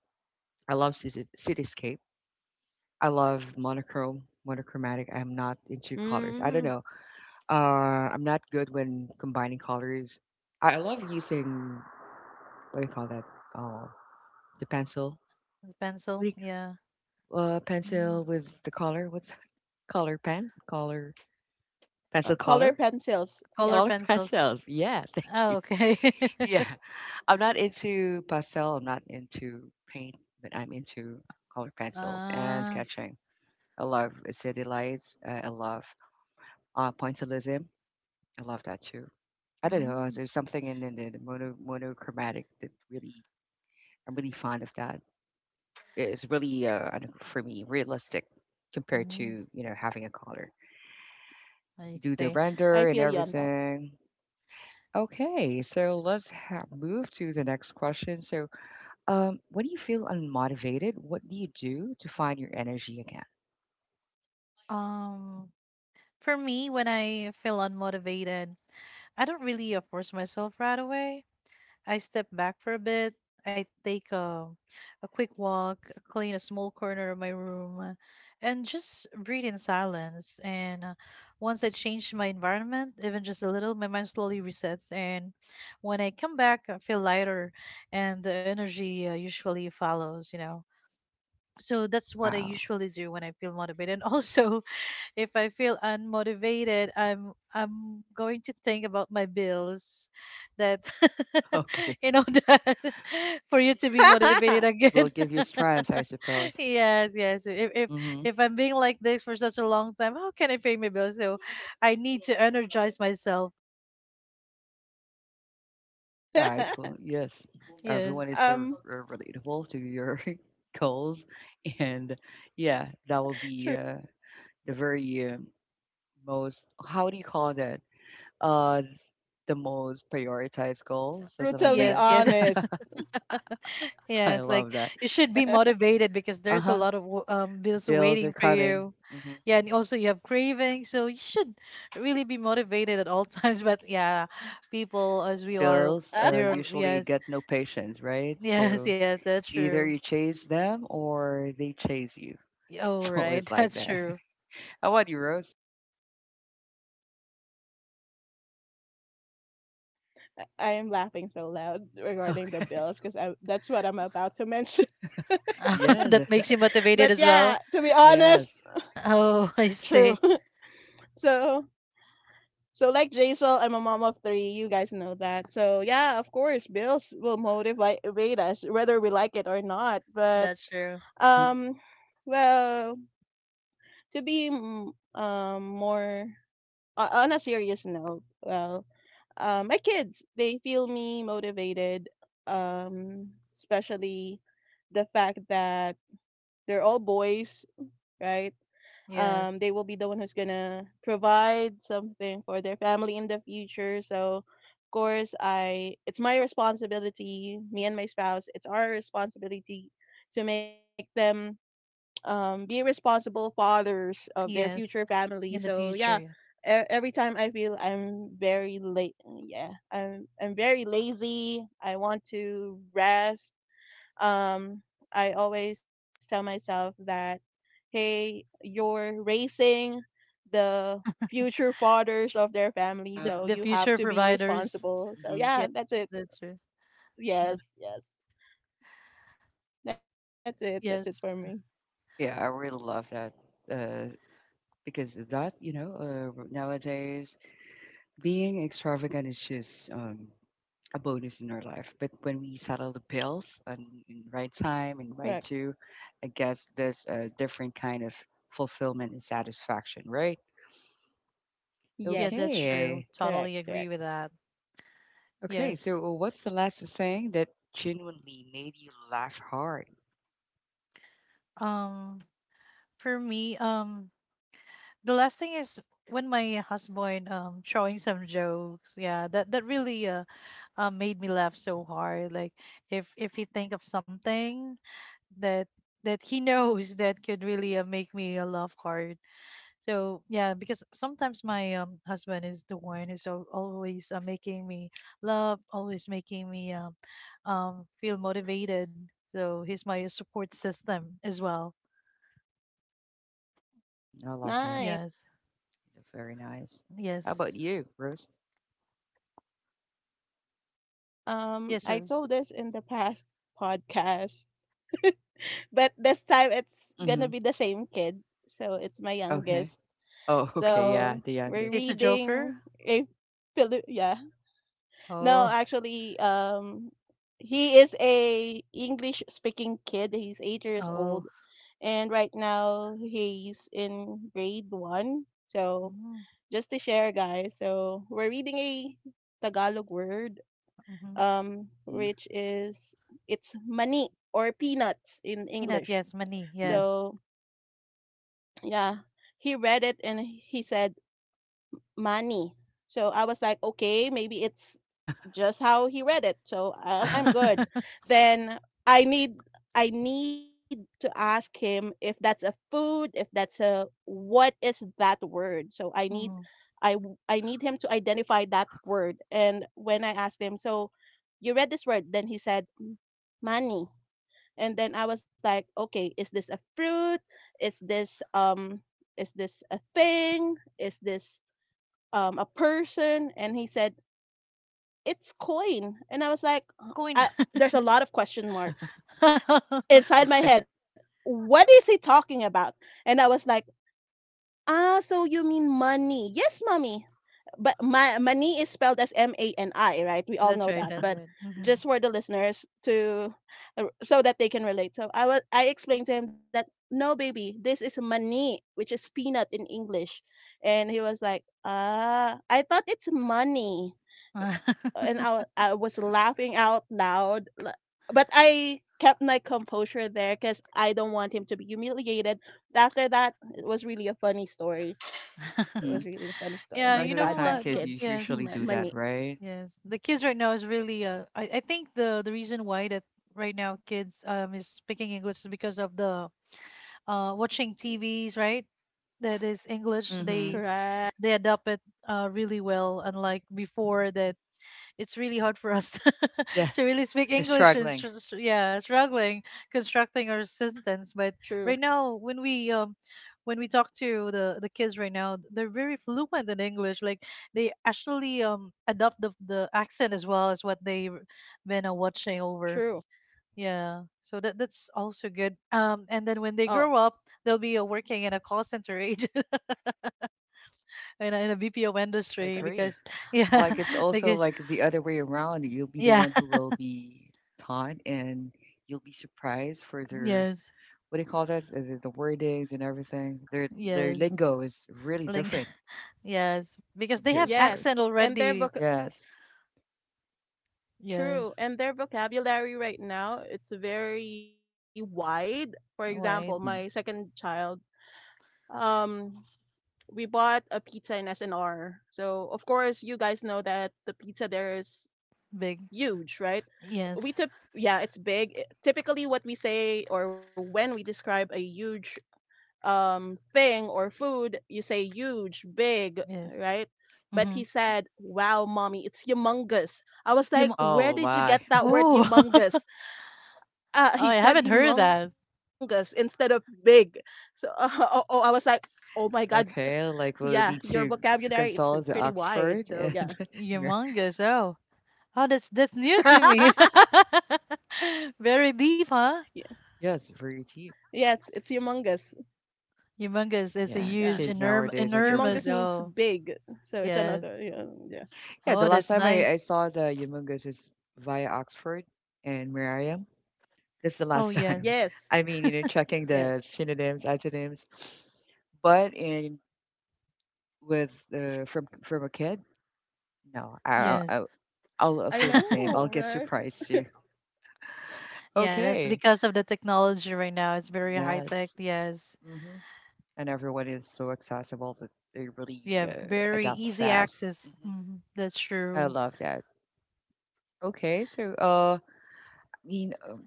S1: I love cityscape. I love monochrome, monochromatic. I'm not into colors. I
S3: Mm,
S1: don't know. I'm not good when combining colors. I love using, what do you call that? Oh, the pencil.
S2: Pencil.
S1: What do
S2: Yeah.
S1: you,
S2: Mm.
S1: pencil with the color. What's that? Color pen? Color pencil
S3: color
S1: color?
S3: pencils. Yep,
S2: Color
S1: Color
S2: pencils.
S1: pencils. Yeah, thank
S2: Oh,
S1: you.
S2: okay.
S1: Yeah. I'm not into pastel, I'm not into paint, but I'm into color pencils and
S2: Ah,
S1: sketching. I love city lights. I love pointillism. I love that too. I don't know.
S2: mm,
S1: There's something in the monochromatic that really, I'm really fond of that. It's really, I don't, for me, realistic compared to,
S2: mm,
S1: having a color.
S2: I
S1: You do the
S2: see.
S1: render
S3: I
S1: and
S3: feel you on
S1: everything. Okay, so let's move to the next question. So, when you feel unmotivated, what do you do to find your energy again?
S2: Um, for me, when I feel unmotivated, I don't really, force myself right away. I step back for a bit. I take a quick walk, clean a small corner of my room, and just breathe in silence. And once I change my environment, even just a little, my mind slowly resets. And when I come back, I feel lighter, and the energy, usually follows, you know. So that's what I
S1: Wow.
S2: usually do when I feel motivated. And also, if I feel unmotivated, I'm going to think about my bills that,
S1: Okay.
S2: you know that for you to be motivated
S3: that.
S1: That
S2: again.
S1: will give you strength, I suppose.
S2: Yes, yes. if, if
S1: Mm-hmm.
S2: if I'm being like this for such a long time, how can I pay my bills? So I need to energize myself.
S1: Yeah, I totally yes.
S2: Yes,
S1: Everyone is so
S3: um,
S1: relatable to your goals, and yeah, that will be the very most. How do you call that? Uh, the most prioritized goal, something like
S3: Brutally
S1: that.
S2: yes, yes.
S3: honest.
S1: I
S2: Yes, like
S1: love that.
S2: you should be motivated because
S1: Uh
S2: there's a
S1: huh.
S2: lot of bills
S1: Bills are
S2: waiting for
S1: coming.
S2: you.
S1: hmm
S2: Yeah, and also you have cravings, so you should really be motivated at all times. But yeah, people as we are,
S1: Bills
S2: there.
S1: usually
S2: Yes,
S1: get no patience, right?
S2: yes,
S1: So
S2: yes, that's
S1: either
S2: true.
S1: you chase them or they chase you.
S2: Oh,
S1: It's always
S2: right,
S1: like
S2: that's
S1: that.
S2: true.
S1: How about you, Rose?
S3: I am laughing so loud
S1: Okay.
S3: regarding the bills because that's what I'm about to mention.
S1: Yeah.
S2: That makes you motivated
S3: But
S2: as well.
S3: yeah, to be honest,
S1: Yes.
S2: Oh, I see.
S3: true. So so like Jaisal, I'm a mom of three. You guys know that. So yeah, of course, bills will motivate us whether we like it or not. But
S2: That's true.
S1: Mhm.
S3: um, well, to be more on a serious note, well, my kids they feel me motivated, um, especially the fact that they're all boys, right?
S2: Yes,
S3: They will be the one who's gonna provide something for their family in the future. So, of course, I it's my responsibility. Me and my spouse, it's our responsibility to make them be responsible fathers of their
S2: yes.
S3: future
S2: In
S3: family.
S2: the
S3: So
S2: future,
S3: yeah,
S2: yeah.
S3: every time I feel I'm very late, yeah, I'm very lazy. I want to rest. um, I always tell myself that, hey, you're raising the future fathers of their family,
S1: Uh-huh.
S2: The
S3: so
S2: the
S3: you
S2: future
S3: have to be
S2: providers.
S3: responsible. So
S1: Mhm.
S2: Yeah,
S3: yeah, that's it.
S2: that's true. Yeah.
S3: Yes, yes, that's it. That's it for
S2: Yes.
S3: me.
S1: Yeah, I really love that uh, because that, you know, nowadays being extravagant is just a bonus in our life. But when we settle the bills and in right time and right
S3: Correct.
S1: due, I guess there's a different kind of fulfillment and satisfaction, right?
S2: Yeah, that's
S3: Yes,
S2: true.
S1: Okay.
S2: Totally
S3: correct,
S2: agree
S3: correct.
S2: with that.
S1: Okay.
S2: Yes.
S1: So, what's the last thing that genuinely made you laugh hard?
S2: Um, for me, the last thing is when my husband showing some jokes. Yeah, that that really made me laugh so hard. Like if he think of something that that he knows that could really make me laugh hard. So yeah, because sometimes my husband is the one who's al- always making me love, always making me feel motivated. So he's my support system as well.
S1: Mhm, I love that.
S3: Nine.
S2: Yes,
S1: Yeah, very nice. How about
S2: yes,
S1: you, Rose?
S2: yes,
S3: I
S2: sir.
S3: told this in the past podcast, but this time it's gonna
S1: Mm-hmm.
S3: be the same kid. So it's my
S1: Okay.
S3: youngest.
S1: Oh, okay.
S2: Oh,
S1: Yeah,
S3: So
S1: the
S3: we're
S1: youngest.
S2: he's a joker.
S3: reading a yeah. No,
S2: Oh,
S3: actually, he is a English speaking kid. He's eight years
S2: oh.
S3: old, and right now he's in grade one. So
S2: Mm,
S3: just to share, guys, so we're reading a Tagalog word,
S2: mm-hmm.
S1: Mm-hmm.
S3: which is it's mani or peanuts in
S2: Peanut,
S3: English.
S2: yes, money,
S1: Mm-hmm.
S2: yes.
S3: So yeah, he read it and he said. Money. So I was like, okay, maybe it's just how he read it. So I'm,
S1: Uh-huh.
S3: I'm good. Then I need I need to ask him if that's a food, if that's a what is that word. So I need
S2: mm
S3: I need him to identify that word. And when I asked him, so you read this word, then he said money. And then I was like, okay, is this a fruit? Is this um is this a thing? Is this a person, and he said it's coin, and I was like, "Huh?"
S2: Coin.
S3: There's a lot of question marks
S1: Okay.
S3: inside my head. What is he talking about? And I was like, ah, so you mean money? Yes, mommy. But my money is spelled as mani, right? We all
S2: That's
S3: know
S2: right.
S3: that,
S2: That's
S3: but
S2: right. hmm
S3: just for the listeners to, so that they can relate. So I explained to him that no baby, this is money, which is peanut in English. And he was like, "Ah, I thought it's money." And I was laughing out loud, but I kept my composure there because I don't want him to be humiliated. After that, it was really a funny story. It
S1: Mm-hmm.
S3: was really a funny story. Oh
S2: yeah,
S3: My
S1: Most
S2: you
S1: of the
S2: know
S3: God,
S1: time,
S3: that
S2: what? Th-
S1: kids
S3: kid,
S1: you
S2: Yes.
S1: usually
S3: my
S1: do that,
S3: money.
S1: right?
S2: Yes, the kids right now is really. I think the reason why that right now kids is speaking English is because of the watching TVs right that is English.
S1: Mm-hmm.
S3: Correct.
S2: They adapt it really well, unlike before that it's really hard for us
S1: Yeah,
S2: to really speak
S1: they're
S2: English and
S1: struggling.
S2: str- str- yeah, struggling constructing our sentence. But
S3: True.
S2: right now, when we talk to the kids right now, they're very fluent in English. Like they actually adopt the accent as well as what they've been watching over.
S3: True.
S2: Yeah, so that that's also good. And then
S3: Oh
S2: when they grow up, they'll be working in a call center agent in a BPO
S1: I
S2: industry because
S1: agree.
S2: yeah,
S1: Like it's also
S2: because
S1: like the other way around. You'll be the
S2: yeah,
S1: one who will be taught, and you'll be surprised for their
S2: yes,
S1: what do you call that? The wordings and everything. Their
S2: yes.
S1: lingo is really
S2: Ling-
S1: different
S2: yes, because they
S1: compared
S2: have
S1: to ours.
S2: accent
S3: yes,
S2: already.
S3: and their book.
S1: Yes.
S2: Yes,
S3: True, and their vocabulary right now it's very wide. For
S2: wide,
S3: example, my second child. Um, we bought a pizza in SNR. So of course you guys know that the pizza there is
S2: big.
S3: huge, right?
S2: Yes,
S3: We tip yeah, it's big. Typically what we say or when we describe a huge thing or food, you say huge, big,
S2: yes.
S3: right? But
S2: Mm-hmm.
S3: he
S1: Mhm.
S3: said, "Wow, mommy, it's humongous." I was like,
S2: Yum-
S3: "Where
S1: Oh
S3: did you
S1: my.
S3: get that word
S2: oh, oh,
S3: humongous?"
S2: I
S3: He
S2: haven't
S3: said
S2: heard that.
S3: humongous instead of big. So oh, oh, I was like, "Oh my god,
S1: Okay,
S3: yeah,
S1: like
S3: your
S1: we'll need
S3: vocabulary it's
S1: to
S3: pretty
S1: consult the
S3: wide. So
S1: Oxford
S3: yeah."
S1: and Mer-
S2: Humongous. Oh, oh, that's new to me. Very deep, huh?
S3: Yeah.
S1: yes, very cheap.
S3: Yeah, it's humongous.
S2: Humongous is a
S1: Yeah,
S2: huge,
S3: Yeah.
S1: kids
S2: enorm-
S1: nowadays are
S2: enormous.
S1: different.
S3: Humongous means
S2: Oh,
S3: big. So it's
S2: yes.
S3: another yeah. Yeah.
S1: Yeah, the
S2: Oh,
S1: last
S2: that's
S1: time I,
S2: nice.
S1: I saw the Humongous is via Oxford and Merriam. That's the
S2: Oh,
S1: last
S2: yes,
S1: time. I
S3: Yes.
S1: mean, you know, checking
S3: Yes.
S1: the synonyms, antonyms, but in with from a kid, no,
S2: yes.
S1: I'll
S3: I
S1: feel the same. I'll
S3: know,
S1: get
S3: right?
S1: surprised too.
S2: Yeah, that's
S1: Okay,
S2: because of the technology right now. It's very high
S1: yes.
S2: tech. Yes.
S1: hmm and everyone is so accessible that they really
S2: Yeah, very
S1: adapt
S2: easy
S1: fast.
S2: access. Hmm That's
S1: I
S2: true.
S1: love that. Okay, so mean, um,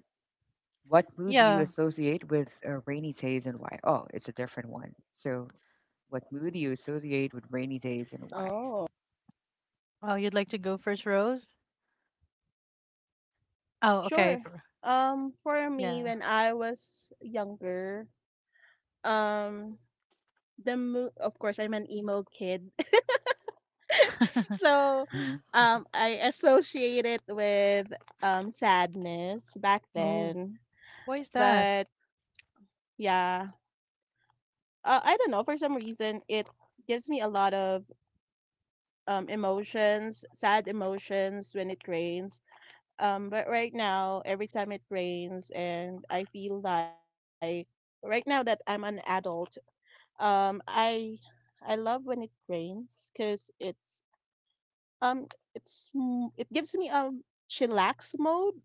S1: what mood do you
S2: Yeah.
S1: associate with rainy days and why? Oh, it's a different one. So, what mood do you associate with rainy days and why?
S3: Oh.
S2: Oh, you'd like to go first, Rose? Oh, okay.
S3: Sure.
S2: for-
S3: For
S2: Yeah.
S3: me when I was younger, um of course I'm an emo kid. So
S1: hmm
S3: I associate it with sadness back
S2: Oh,
S3: then.
S2: why is that?
S3: But yeah, I don't know. For some reason, it gives me a lot of emotions, sad emotions when it rains. But right now, every time it rains, and I feel like right now that I'm an adult, um, I I love when it rains because um it's m- it gives me a chillax mode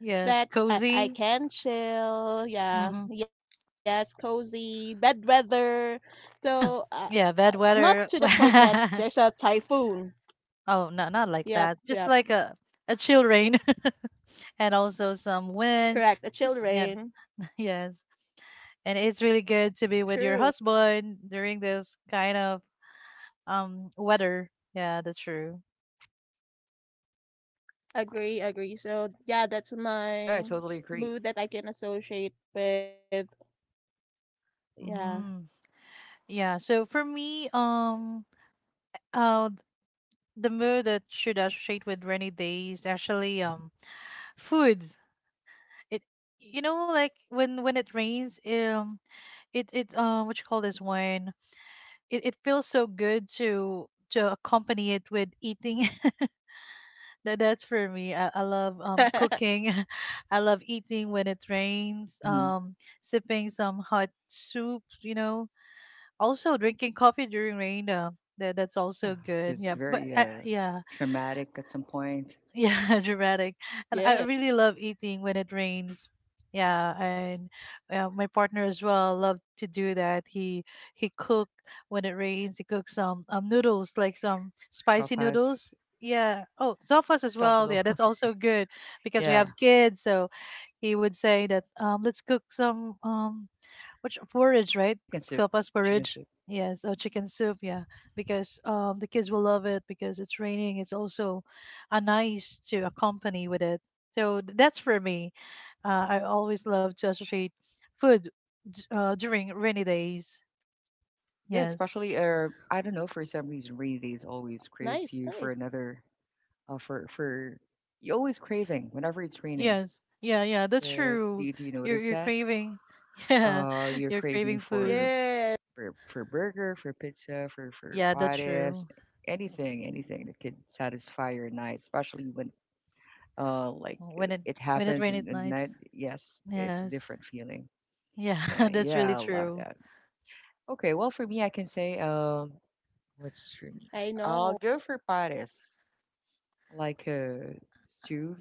S2: Yes,
S3: that I
S2: cozy.
S3: can chill.
S2: Hmm
S3: Yeah, yes, cozy bed weather. So I
S2: Yeah, bad weather.
S3: not to the point that there's a typhoon.
S2: Oh, no, not like that. Just
S3: Yep,
S2: like
S3: yep.
S2: a chill rain and also some wind. Just yeah,
S3: Correct. A chill rain.
S2: yes. And it's really good to be with your husband
S3: True.
S2: during those kind of weather. Yeah, that's true.
S3: Agree, agree. So yeah,
S1: Yeah,
S3: that's
S1: I totally agree.
S3: my mood that I can associate with,
S2: Mm.
S3: yeah.
S2: Yeah, so for me, uh, th- the mood that should associate with rainy days actually foods. It you know like when it rains, it it what you call this one? It feels so good to accompany it with eating. That that's for me. I love cooking. I love eating when it rains.
S1: hmm
S2: Sipping some hot soup. You know, also, drinking coffee during rain, that that's
S1: Yeah,
S2: also good.
S1: it's
S2: Yeah, but
S1: very
S2: yeah,
S1: traumatic at some point.
S2: yeah, dramatic. And I really love
S3: Yeah.
S2: eating when it rains. Yeah, and my partner as well loved to do that. He cook when it rains. He cooks some noodles, like some spicy
S1: Sopas.
S2: noodles. Yeah. Oh, sofas as well.
S1: Sabado.
S2: Yeah, that's also good because we
S1: yeah,
S2: have kids, so he would say that let's cook some which porridge, right?
S1: chicken soup.
S2: Sopas
S1: Chicken
S2: porridge.
S1: soup.
S2: Yes, or chicken soup, yeah, because the kids will love it because it's raining. It's also a nice to accompany with it. So th- that's for me. I always love to associate food during rainy days.
S1: Yeah,
S2: Yes,
S1: especially I don't know for some reason rainy days always craves you for
S3: Nice,
S1: another
S3: nice.
S1: for you always craving whenever it's raining.
S2: yes, yeah, yeah. That's true.
S1: Do you
S2: You're
S1: notice that?
S2: craving, yeah,
S1: You're
S2: you're
S1: craving
S2: craving food.
S1: for
S3: Yeah.
S1: burger, for pizza, for
S2: Yeah, that's
S1: pares,
S2: true.
S1: anything, anything that could satisfy your night, especially when
S2: When it
S1: it
S2: when it
S1: happens in
S2: rains at
S1: the
S2: nights.
S1: night. Yes, it's a
S2: Yes.
S1: different feeling.
S2: Yeah,
S1: Yeah,
S2: that's really
S1: yeah, I love
S2: true.
S1: that. Okay, well for me, I can say What's for me? I'll
S3: I
S1: go for
S3: know.
S1: pares, like a stew,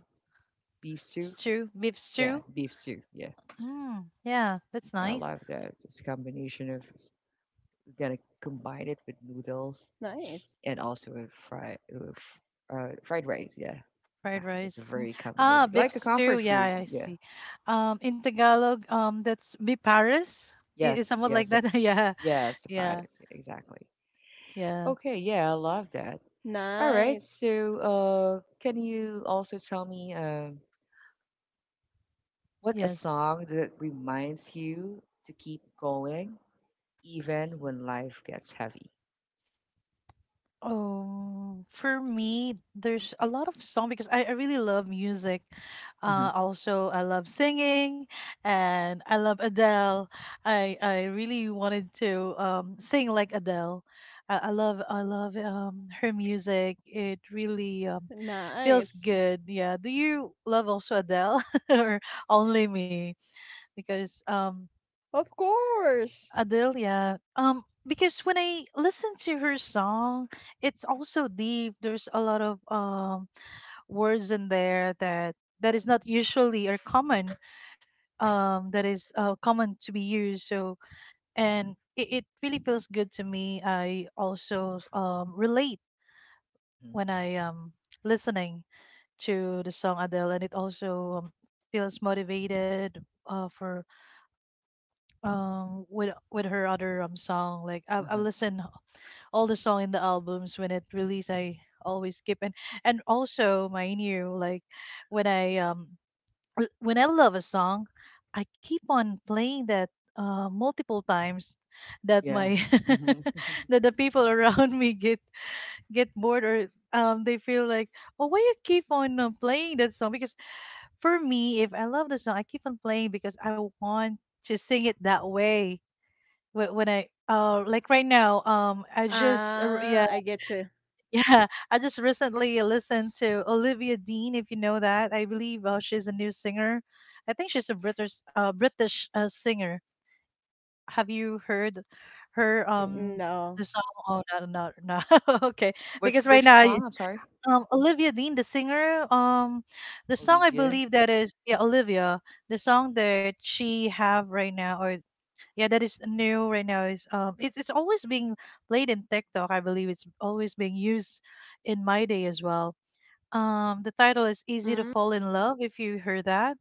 S1: beef stew.
S2: Stew, beef
S1: Yeah,
S2: stew?
S1: beef stew. Yeah,
S2: Mm, yeah, that's
S1: I
S2: nice.
S1: love that. It's a combination of gonna combine it with noodles and also
S3: Nice.
S1: a fry, fried rice. Yeah,
S2: Fried
S1: yeah, that's
S2: rice.
S1: a very
S2: Ah,
S1: combination,
S2: beef
S1: like a
S2: stew.
S1: comfort
S2: Yeah,
S1: food.
S2: I
S1: Yeah,
S2: see. In Tagalog, that's bipares. It is
S1: yes,
S2: somewhat like
S1: yes, the,
S2: that. Yeah,
S1: yes, the
S2: yeah,
S1: pares. Yeah, exactly.
S2: yeah.
S1: Okay, yeah, I love that. All
S3: Nice.
S1: right, so can you also tell me? What a
S2: Yes.
S1: song that reminds you to keep going even when life gets heavy.
S2: Oh, for me, there's a lot of song because I really love music.
S1: hmm
S2: Also, I love singing, and I love Adele. I really wanted to sing like Adele. I love her music. It really feels good. Yeah. Do
S3: Nice.
S2: you love also Adele or only me? Because
S3: Of course.
S2: Adele, yeah. Because when I listen to her song, it's also deep. There's a lot of words in there that that is not usually or common. That is common to be used. So and it really feels good to me. I also relate
S1: hmm
S2: when I listening to the song Adele, and it also feels motivated for with her other song like I've
S1: Uh-huh.
S2: listened all the song in the albums when it released I always skip. And also my new like when I l- when I love a song I keep on playing that multiple times that my
S1: Yes.
S2: that the people around me get bored or they feel like oh why you keep on playing that song? Because for me if I love the song I keep on playing because I want to sing it that way. Wh- when I like right now I just yeah
S3: Ah, I get you.
S2: yeah, I just recently listened
S1: Yes.
S2: to Olivia Dean, if you know that. I believe she's a new singer. I think she's a British British singer. Have you heard her
S1: hmm
S2: the song?
S3: N-
S2: Oh
S3: no.
S2: no no no. Okay,
S1: Which
S2: because right now I-
S1: song? I'm sorry,
S2: Olivia Dean, the singer, the song I
S1: Olivia.
S2: believe that is yeah Olivia, the song
S1: Mhm.
S2: that she have right now or yeah, that is new right now. Is it's always being played in TikTok. I believe it's always being used in my day as well. The title is "Easy to Fall in Love."
S3: Mm,
S2: If you heard that,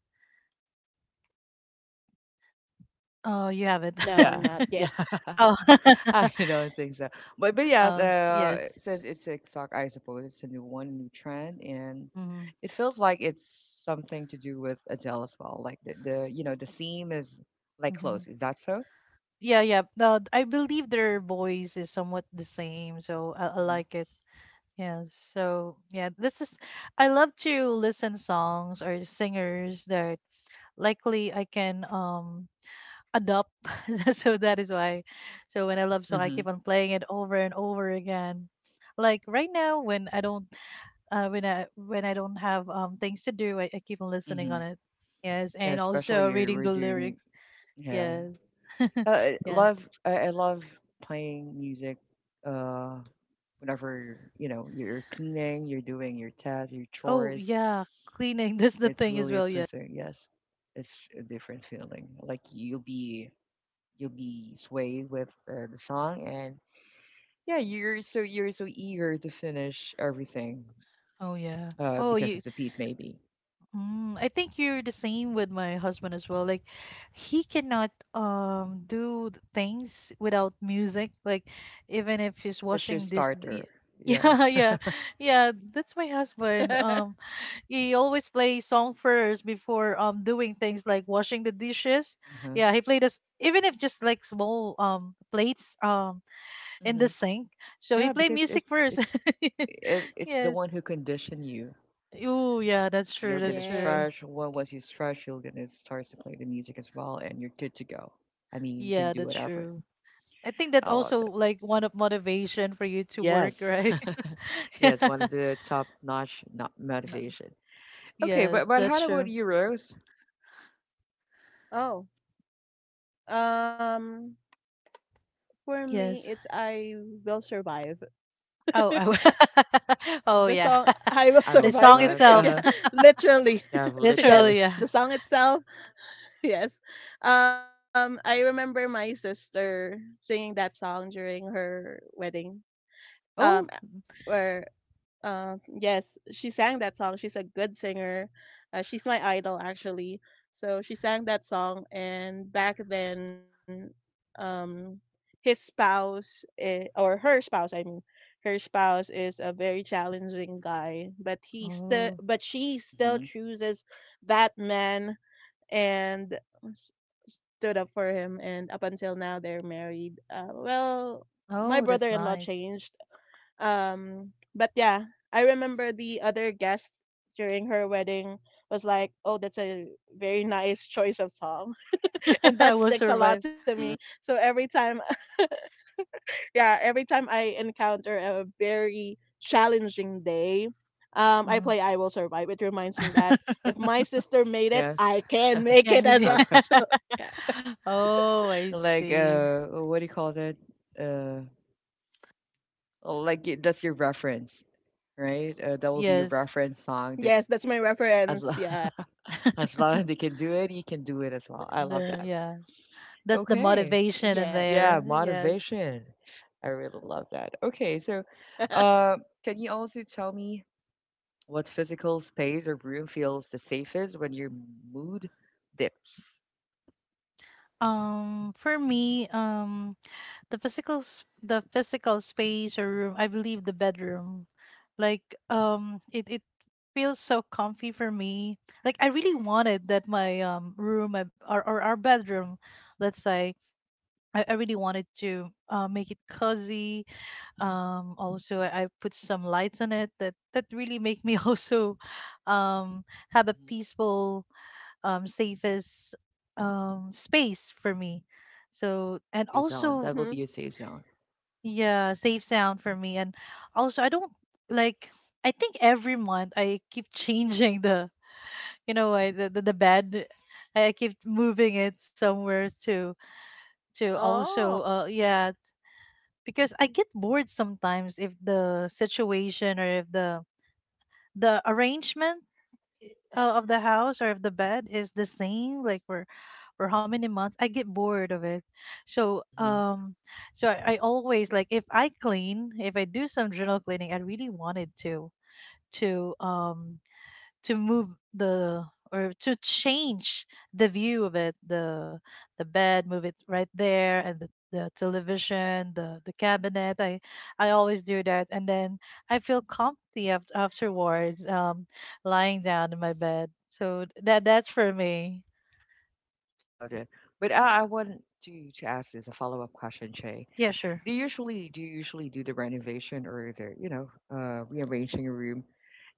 S2: oh, you haven't.
S1: Yeah, yeah.
S3: no, not
S2: oh,
S3: yet.
S1: I don't think so. But yes,
S2: oh, yes.
S1: it says it's TikTok. I suppose it's a new one, new trend, and
S2: hmm
S1: it feels like it's something to do with Adele as well. Like the you know the theme is like
S2: hmm
S1: close. Is that so?
S2: Yeah, yeah. No, I believe their voice is somewhat the same, so I like it. Yeah. So yeah, this is. I love to listen songs or singers that likely I can adopt. So that is why. So when I love song, I
S1: Mm-hmm.
S2: keep on playing it over and over again. Like right now, when I don't, when I don't have things to do, I keep on listening
S1: hmm
S2: on it. Yes,
S1: Yeah,
S2: and
S1: especially
S2: also
S1: you're
S2: reading
S1: we're
S2: the
S1: doing
S2: lyrics.
S1: yeah.
S2: Yes, yeah.
S1: I love playing music. Uh, whenever you know you're cleaning, you're doing your tasks, your
S2: Oh
S1: chores.
S2: yeah, cleaning. That's the
S1: It's
S2: thing as
S1: really
S2: well. Yeah.
S1: uplifting. Yes, it's a different feeling. Like you'll be swayed with the song, and yeah, you're so eager to finish everything.
S2: Oh yeah. Oh,
S1: Because of
S2: you
S1: the beat, maybe
S2: Mm, I think you're the same with my husband as well. Like, he cannot do th- things without music. Like, even if he's
S1: that's your
S2: washing this, y-
S1: starter. Yeah.
S2: yeah, yeah, yeah. That's my husband. He always plays song first before doing things like washing the dishes.
S1: Uh
S2: Yeah, he played us even if just like small plates in
S1: huh.
S2: the sink. So he
S1: Yeah,
S2: play
S1: because
S2: music first.
S1: it's the
S2: Yes.
S1: one who conditioned you.
S2: Oh, yeah. That's true.
S1: You're gonna
S2: That's true.
S1: stretch. Well, once you
S3: Yes.
S1: stretch, you're gonna start to play the music as well, and you're good to go. I mean, you can
S2: Yeah,
S1: do
S2: that's
S1: whatever.
S2: true. I think that
S1: I love
S2: also
S1: that.
S2: like one of motivation for you to work,
S1: Yes,
S2: right?
S1: yes, one
S2: yeah.
S1: of the top-notch not
S2: No.
S1: motivation. Okay,
S2: Yes,
S1: but
S2: that's
S1: how about
S2: true.
S1: you, Rose?
S3: Oh. Um For me, it's
S2: Yes.
S3: I Will Survive.
S2: Oh, oh, oh
S3: The
S2: yeah.
S3: song I Will
S1: I
S2: The
S1: will
S2: song
S3: Survive.
S1: survive. Uh
S2: itself,
S1: huh.
S3: Yeah, literally.
S1: Yeah,
S2: literally.
S1: literally.
S3: Yes,
S2: Yeah.
S3: the song itself. Yes. I remember my sister singing that song during her wedding. Um
S2: Oh,
S3: where Yes, she sang that song. She's a good singer. She's my idol, actually. So she sang that song, and back then, um, his spouse, or her spouse, I mean, her spouse is a very challenging guy,
S2: oh,
S3: but she still
S1: Mm-hmm.
S3: chooses that man and s- stood up for him. And up until now, they're married. Well, my
S2: oh, that's
S3: brother-in-law
S2: nice.
S3: changed, but yeah, I remember the other guest during her wedding was like, "Oh, that's a very nice choice of song," and
S2: I
S3: that
S2: Will
S3: sticks a lot
S2: Survive.
S3: to me.
S1: Mm-hmm.
S3: So yeah, every time I encounter a very challenging day, I
S2: Mhm.
S3: play "I Will Survive." It reminds me that if my sister made it,
S1: Yes.
S3: I can make
S2: yeah,
S3: it as
S2: need-
S3: well.
S1: Okay.
S3: So yeah,
S2: oh, I
S1: Like
S2: see.
S1: what do you call that? Uh, Oh, Like y- that's your reference, right? That will be your
S2: Yes.
S1: reference song. That
S3: yes, that's my
S1: as
S3: reference.
S1: lo-
S3: Yeah,
S1: as long as they can do it, you can do it as well. I love
S2: The
S1: that.
S2: yeah, that's the
S1: Okay,
S3: yes,
S2: motivation in
S3: yes.
S1: yeah,
S2: there. Yes.
S1: motivation. I really love that. Okay, so uh, can you also tell me what physical space or room feels the safest when your mood dips?
S2: For me, the physical s- the physical space or room, I believe the bedroom. Like it it feels so comfy for me. Like I really wanted that my room or our bedroom, let's say, I really wanted to make it cozy. Also, I put some lights on it that that really make me also um have a
S1: hmm
S2: peaceful safest space for me. So and
S1: Safe zone.
S2: also
S1: That will be a
S3: Mhm.
S1: safe zone.
S2: yeah, safe sound for me. And also, I don't like, I think every month I keep changing the, you know, I, the bed. I keep moving it somewhere to, to also,
S3: Oh,
S2: uh, yeah, because I get bored sometimes if the situation or if the arrangement of the house or of the bed is the same like for how many months I get bored of it, so um so I always like, if I clean, if I do some journal cleaning, I really wanted to to um to move the or to change the view of it, the bed, move it right there, and the television, the cabinet. I always do that, and then I feel comfy afterwards, lying down in my bed. So that's for me.
S1: Loved it. But I want to ask this a follow up question, Shay.
S2: Yeah, sure.
S1: Do you usually do the renovation or the you know rearranging a room?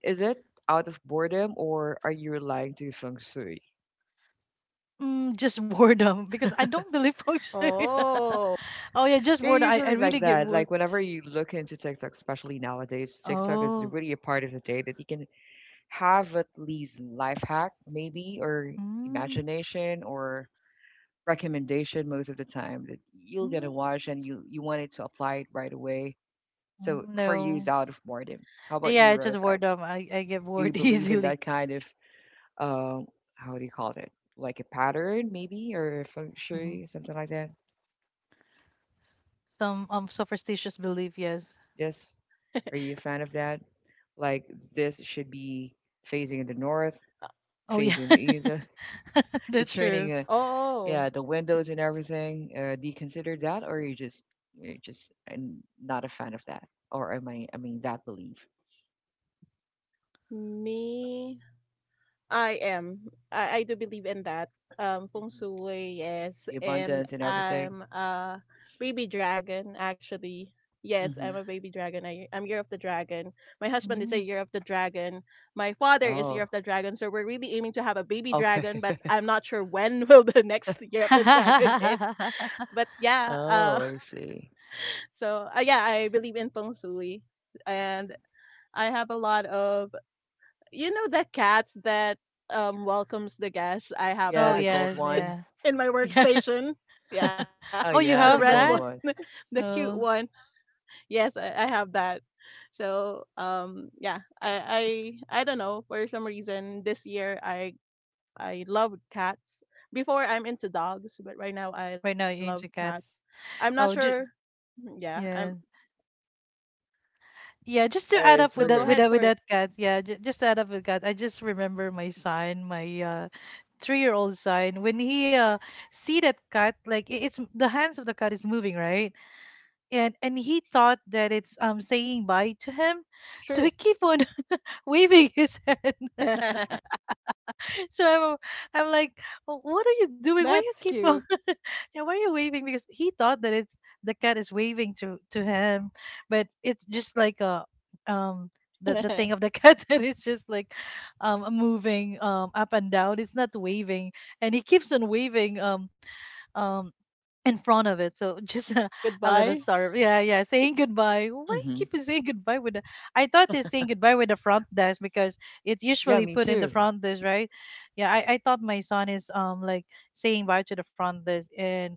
S1: Is it out of boredom or are you relying to feng shui?
S2: Mm, just boredom because I don't believe function
S3: oh,
S2: oh yeah, just
S1: Yeah,
S2: boredom. I
S1: usually like
S2: really get
S1: that.
S2: bored.
S1: Like whenever you look into TikTok, especially nowadays, TikTok is
S2: Oh.
S1: really a part of the day that you can have at least life hack, maybe, or
S2: Mm,
S1: imagination or recommendation most of the time that you will gonna
S2: mm,
S1: watch and you want it to apply it right away. So
S2: mm,
S1: for you, it's
S2: no.
S1: out of boredom. How about
S2: Yeah,
S1: you,
S2: it's just
S1: Rose?
S2: boredom. I get
S1: Do you
S2: bored
S1: believe in
S2: easily.
S1: that kind of uh, how do you call it? Like a pattern, maybe, or a feng
S2: Mhm.
S1: shui, something like that?
S2: Some superstitious belief, yes.
S1: Yes. Are you a fan of that? Like this should be facing in the north,
S2: Oh yeah.
S1: facing the east. Uh, the
S2: That's true.
S1: turning, yeah, the
S3: oh.
S1: windows and everything. Do you consider that, or you just you're just not a fan of that, or am I? I mean, that belief,
S3: Me, I am. I do believe in that. Feng
S1: hmm
S3: shui, yes,
S1: the
S3: and
S1: abundance and
S3: I'm
S1: everything.
S3: a baby dragon actually. Yes, I'm a baby
S1: hmm
S3: dragon. I'm year of the dragon. My husband is a year of
S2: Mm.
S3: the dragon. My father is year of the
S1: Oh,
S3: dragon. So we're really aiming to have a baby
S1: okay.
S3: dragon, but I'm not sure when will the next year of the dragon is. But yeah,
S1: Oh, I see.
S3: so yeah, I believe in feng shui, and
S1: Mhm.
S3: I have a lot of, you know, the cat that welcomes the guests? I
S1: Yeah,
S2: Oh
S3: have
S1: the
S3: that
S1: gold
S2: yes,
S1: one.
S2: yeah.
S3: in my
S2: Yeah.
S3: workstation. Yeah,
S1: Oh
S2: Oh,
S3: the
S2: you
S1: yeah,
S3: red
S1: the
S2: have
S3: one,
S1: gold
S2: that?
S1: one.
S3: the cute
S2: Oh,
S3: one. Yes, I have that. So yeah, I don't know, for some reason this year I love cats. Before I'm into dogs, but right now
S2: right
S3: I
S2: now you're
S3: love
S2: into
S3: cats.
S2: cats.
S3: I'm not
S2: Oh,
S3: sure. Mm, yeah, I'm
S2: yeah. Yeah, just to
S1: Yeah,
S2: add
S1: it's
S2: up with
S3: no.
S2: that
S3: Go
S2: with
S1: weird.
S3: ahead.
S2: that with
S3: Sorry.
S2: that cat. Yeah, just to add up with cat. I just remember my son, my 3-year-old son. When he see that cat, like it's the hands of the cat is moving, right? And he thought that it's saying bye to him, so he
S3: True.
S2: keep on waving his hand. So i'm I'm like, "Oh, what are you doing? Why you
S3: That's
S2: keep on
S3: cute.
S2: yeah, why are you waving?" Because he thought that it's the cat is waving to him, but it's just like a um the thing of the cat that is just like moving up and down. It's not waving, and he keeps on waving um in front of it. So just a, a little
S3: Goodbye.
S2: startup. Yeah, yeah. Saying goodbye. Why
S1: hmm
S2: keep on saying goodbye with the I thought it's saying goodbye with the front desk, because it
S1: Yeah,
S2: usually
S1: me
S2: put in the
S1: too.
S2: front desk, right? Yeah, I thought my son is like saying bye to the front desk, and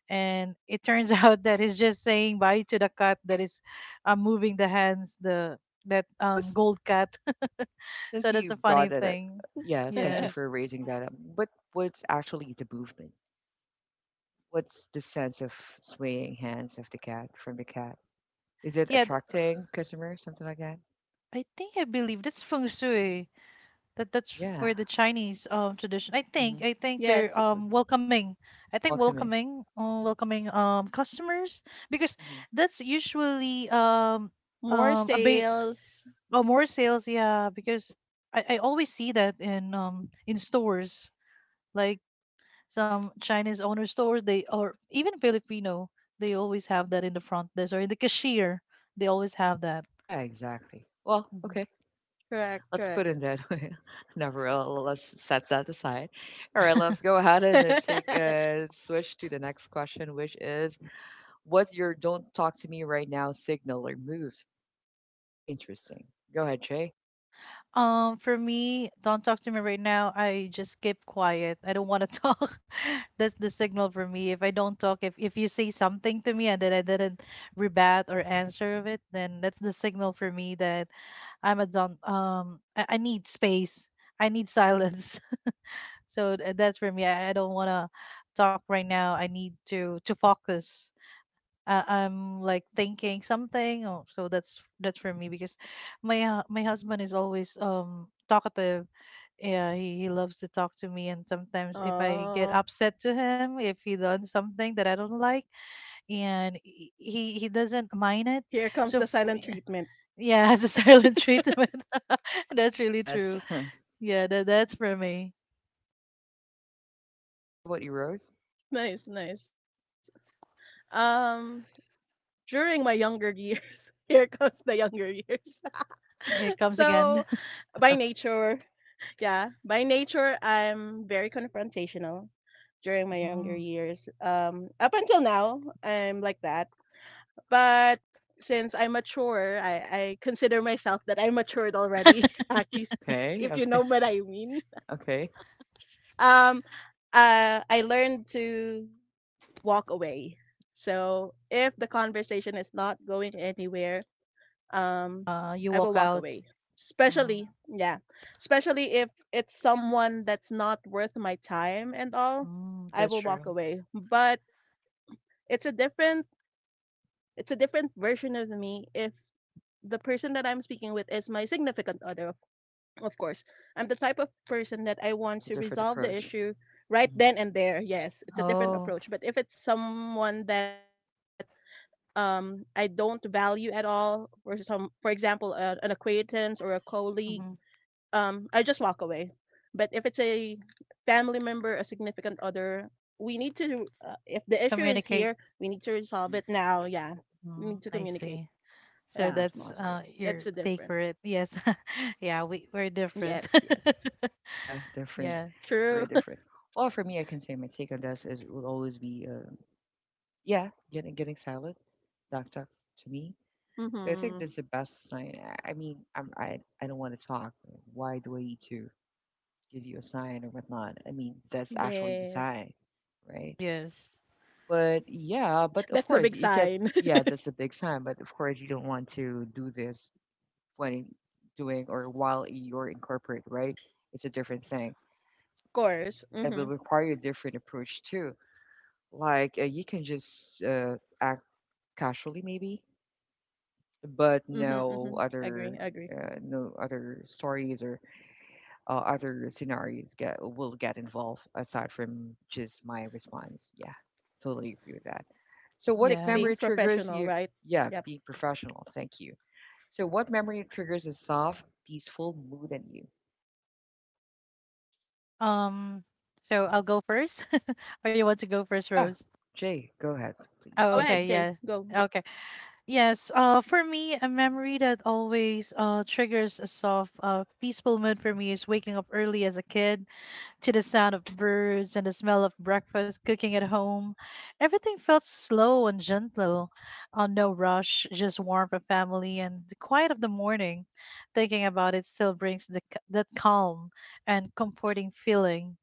S2: and it turns out that he's just saying bye to the cat that is moving the hands, the that
S1: What's
S2: gold cat.
S1: since
S2: So that's
S1: you
S2: a funny
S1: brought it up?
S2: thing.
S1: Yeah, thank you
S2: Yes.
S1: for raising that up. What what's actually the movement? What's the sense of swaying hands of the cat from the cat? Is it
S2: Yeah,
S1: attracting customers, something like that?
S2: I think I believe that's feng shui. That's
S1: Yeah.
S2: for the Chinese tradition. I
S1: hmm
S2: think I think they're
S3: Yes.
S2: welcoming. I think
S1: Welcoming.
S2: welcoming customers, because
S1: hmm
S2: that's usually
S3: More
S2: a bit
S3: sales.
S2: more sales. Yeah, because I always see that in stores, like some Chinese owner stores, they, or even Filipino, they always have that in the front desk or in the cashier, they always have that.
S1: Yeah, exactly. Well,
S2: Mhm.
S1: okay.
S3: Correct,
S1: Let's
S3: correct.
S1: put in that way. Never. Uh, let's set that aside. All right, let's go ahead and take switch to the next question, which is what's your "don't talk to me right now" signal or move? Very interesting. Go ahead, Jay.
S2: For me, don't talk to me right now. I just keep quiet. I don't want to talk. That's the signal for me. If I don't talk, if you say something to me and then I didn't rebat or answer of it, then that's the signal for me that I'm a don't. I need space. I need silence. So that's for me. I don't want to talk right now. I need to focus, I'm like thinking something. Oh, so that's for me, because my husband is always talkative. Yeah, he loves to talk to me, and sometimes if I
S3: Oh,
S2: get upset to him, if he does something that I don't like, and he doesn't mind it.
S3: here comes the silent
S2: Yeah,
S3: treatment.
S2: yeah, as a silent treatment, that's really
S1: Yes.
S2: true. Yeah, that's for me.
S1: okay. How about you, Rose?
S3: Nice, nice. Um, During my younger years, here comes the younger years.
S2: It comes
S3: So,
S2: again.
S3: by nature, yeah, by nature, I'm very confrontational during my
S2: Mm.
S3: younger years. Up until now, I'm like that. But since I'm mature, I consider myself that I matured already, Aki,
S1: Okay.
S3: if you know
S1: Okay.
S3: what I mean.
S1: Okay.
S3: Um, I learned to walk away. So if the conversation is not going anywhere, um,
S2: You
S3: I
S2: walk
S3: will walk
S2: out.
S3: away.
S2: Mm.
S3: Especially, yeah, especially if it's someone that's not worth my time and all,
S2: Mm, that's
S3: I will
S2: true.
S3: walk away. But it's a different, it's a different version of me if the person that I'm speaking with is my significant other, of course. I'm the type of person that I
S1: Yeah,
S3: want
S1: it's a
S3: to
S1: different
S3: resolve the
S1: approach.
S3: issue right
S1: hmm
S3: then and there. Yes, it's a different
S2: Oh.
S3: approach. But if it's someone that I don't value at all, or for example, an acquaintance or a colleague,
S2: Mm-hmm.
S3: I just walk away. But if it's a family member, a significant other, if the issue is
S2: Communicate.
S3: here, we need to resolve it
S1: hmm
S3: now. Yeah, we
S2: Mm,
S3: need to
S2: I
S3: communicate.
S2: see.
S1: As
S2: So
S1: soon as
S3: Yeah,
S2: that's
S1: possible. Mhm.
S2: your
S3: that's the
S2: take for
S3: different.
S2: it. Yes. Yeah, we're different.
S3: Yes, yes.
S1: Yeah, different.
S2: Yeah.
S1: Very
S3: True.
S1: different. Well, for me, I can say my take on this is it will always be, yeah, getting silent. Doc, doc to me. So I think that's the
S3: Hmm.
S1: best sign. I don't want to talk. Why do I need to give you a sign or whatnot? I mean, that's actually the sign,
S3: Yes.
S1: right?
S2: Yes.
S1: But yeah, but of
S3: That's the
S1: course
S3: big
S1: you can.
S3: sign.
S1: Yeah, that's a big sign. But of course you don't want to do this when doing or while you're in corporate, right? It's a different thing.
S3: Of
S1: It will
S3: course.
S1: require a
S3: Mhm.
S1: different approach too. Like you can just act casually maybe, but no
S3: Mhm.
S1: other
S3: Mhm. Agree, agree.
S1: no other stories or other scenarios get will get involved aside from just my response. Yeah, totally agree with that. So, what
S3: Stick
S2: Yes.
S1: memory
S3: being
S1: triggers
S3: professional,
S1: you?
S3: right?
S1: Yeah,
S3: Yep.
S1: being professional. Thank you. So, what memory triggers a soft, peaceful mood in you?
S2: Um so I'll go first. Or you want to go first,
S1: Yeah,
S2: Rose?
S1: Jay, go ahead, please.
S2: Oh,
S1: Thank you.
S2: okay.
S3: Go
S2: Yeah.
S3: ahead, Jay. Go,
S2: Okay.
S3: go.
S2: Yes. For me, a memory that always triggers a soft peaceful mood for me is waking up early as a kid, to the sound of birds and the smell of breakfast cooking at home. Everything felt slow and gentle, no rush, just warmth of family and the quiet of the morning. Thinking about it still brings that calm and comforting feeling.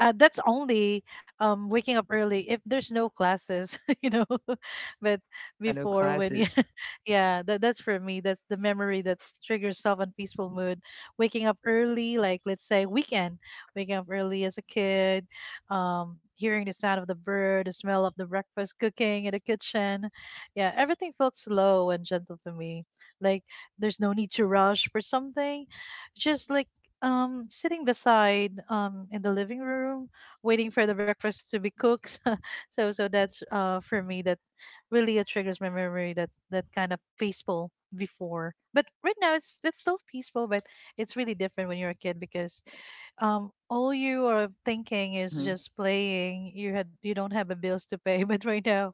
S2: That's only waking up early if there's no classes, you know. But
S1: Yeah, no
S2: before when you,
S1: classes.
S2: yeah, that's for me. That's the memory that triggers self and peaceful mood. Waking up early, like let's say weekend, waking up early as a kid, hearing the sound of the bird, the smell of the breakfast cooking in the kitchen. Yeah, everything felt slow and gentle to me. Like there's no need to rush for something. Just like sitting beside in the living room, waiting for the breakfast to be cooked. So that's for me, that really it triggers my memory, that that kind of peaceful before. But right now, it's still peaceful, but it's really different when you're a kid, because all you are thinking is
S1: Mm-hmm.
S2: just playing. You don't have a bills to pay. But right now,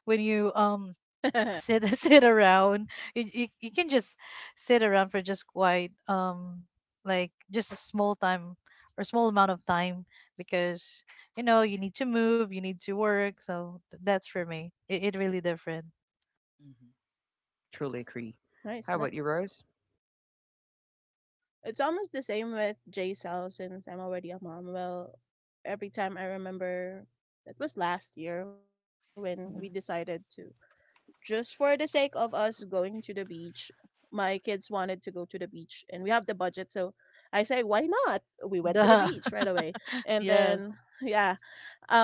S2: when you sit sit around, you can just sit around for just quite like just a small time or small amount of time, because you know you need to move, you need to work. So that's for me, it really different.
S1: hmm Truly agree. How about
S3: Nice,
S1: you,
S3: nice.
S1: Rose?
S3: It's almost the same with J Cell since I'm already a mom. Well, every time I remember, it was last year when we
S2: Hmm.
S3: decided to, just for the sake of us going to the beach, my kids wanted to go to the beach and we have the budget. So I say, why not? We went to the
S2: Duh.
S3: beach right away. And
S2: Yes.
S3: then, yeah,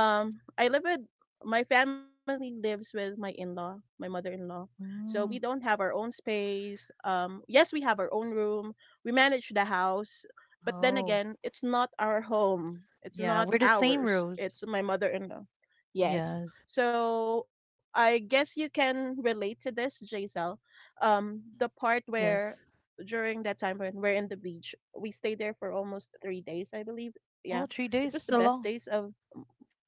S3: I live with my family lives with my in-law, my mother-in-law. So
S2: Mm.
S3: we don't have our own space. Yes, we have our own room. We manage the house, but
S2: Oh
S3: then again, it's not our home.
S2: yeah, we're
S3: It's
S2: the
S3: not
S2: same, Rose.
S3: ours. It's my mother-in-law.
S2: Yes,
S3: Yes. So I guess you can relate to this, Jaisal. The
S1: hmm
S3: part where
S2: yes.
S3: during that time when we're in the beach, we stayed there for almost 3 days, I believe.
S2: Oh,
S3: Yeah,
S2: three
S3: it
S2: days
S3: was
S2: is a
S3: the best
S2: long.
S3: days of,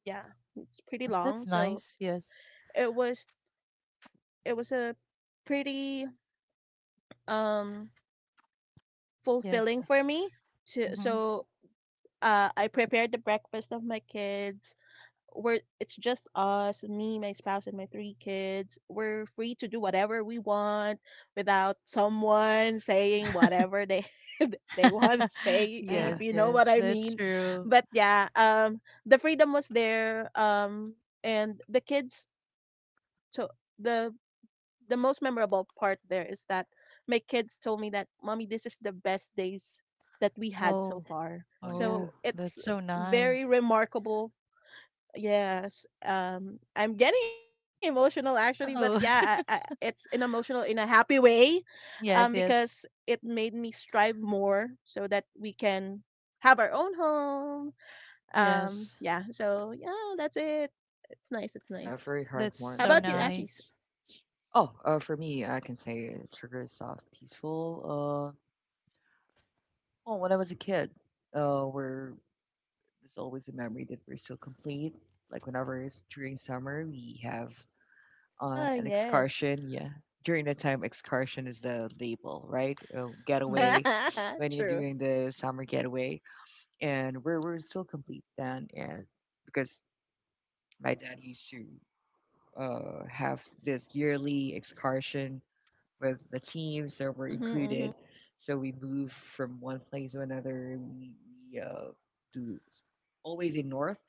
S3: yeah, it's pretty
S2: That's
S3: long.
S2: nice.
S3: So
S2: Yes.
S3: it was, a pretty um
S2: Yes.
S3: fulfilling for me to,
S2: Hmm.
S3: I prepared the breakfast of my kids. We're It's just us, me, my spouse and my three kids. We're free to do whatever we want without someone saying whatever they they want to say, if
S1: Yeah.
S2: Yes,
S3: you know
S2: yes,
S3: what I
S2: that's
S3: mean.
S2: true.
S3: But yeah, the freedom was there, and the kids. So the the most memorable part there is that my kids told me that, "Mommy, this is the best days that we had so
S2: Oh,
S3: far."
S1: Oh, yeah.
S3: So
S2: oh,
S3: it's
S2: that's so
S3: very
S2: nice.
S3: remarkable. Yes, I'm getting emotional actually, but yeah,
S2: Oh,
S3: it's an emotional in a happy way,
S2: yes, yes,
S3: because it made me strive more so that we can have our own home.
S2: yes.
S3: Yeah, so yeah, that's it. It's nice, it's
S1: Yeah,
S3: nice.
S1: very
S2: That's
S3: How
S2: so
S1: heartwarming.
S3: about
S1: Yeah.
S3: you,
S2: nice.
S3: Akis?
S1: Oh, for me, I can say it triggers soft, peaceful. Uh, well, when I was a kid, we're there's always a memory that we're so complete. Like whenever it's during summer, we have
S3: Ah,
S1: an
S3: yes.
S1: excursion. Yeah, during that time, excursion is the label, right?
S2: Hmm.
S1: Getaway when you're
S3: True.
S1: doing the summer getaway, and we're still complete then, and because my dad used to have this yearly excursion with the team, so we're
S3: Mhm, mhm.
S1: included. So we move from one place to another. We uh, do s- always in north